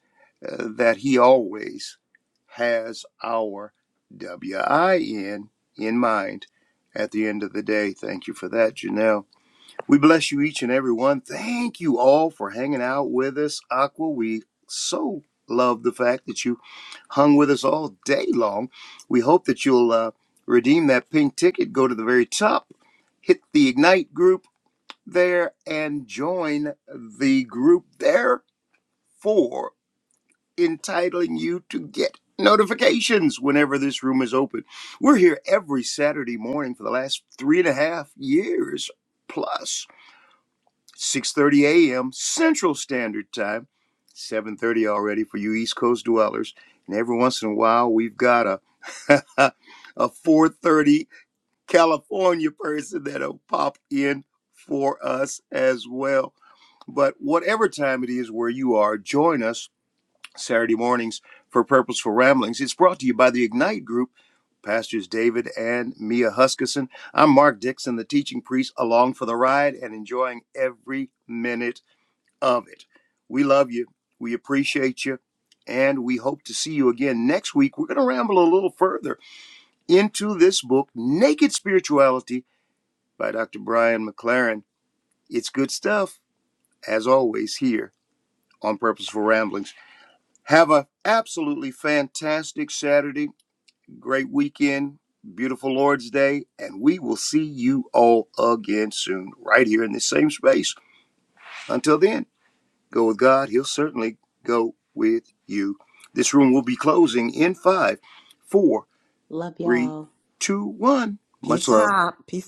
Speaker 2: uh, that He always has our WIN in mind at the end of the day. Thank you for that, Janelle. We bless you each and every one. Thank you all for hanging out with us, Aqua. We so love the fact that you hung with us all day long. We hope that you'll uh, redeem that pink ticket, go to the very top, hit the Ignite group there, and join the group there for entitling you to get notifications whenever this room is open. We're here every Saturday morning for the last three and a half years plus 6:30 a.m. Central Standard Time, 7:30 already for you East Coast dwellers, and every once in a while we've got a a 4:30 California person that'll pop in for us as well. But whatever time it is where you are, join us Saturday mornings for Purposeful Ramblings. It's brought to you by the Ignite Group, Pastors David and Mia Huskisson. I'm Mark Dixon, the teaching priest, along for the ride and enjoying every minute of it. We love you. We appreciate you. And we hope to see you again next week. We're going to ramble a little further into this book, Naked Spirituality by Dr. Brian McLaren. It's good stuff, as always, here on Purposeful Ramblings. Have a absolutely fantastic Saturday, great weekend, beautiful Lord's Day, and we will see you all again soon, right here in the same space. Until then, go with God. He'll certainly go with you. This room will be closing in five, four,
Speaker 4: Love
Speaker 2: three,
Speaker 4: y'all.
Speaker 2: two, one. Much
Speaker 5: Peace
Speaker 2: love.
Speaker 5: out. Peace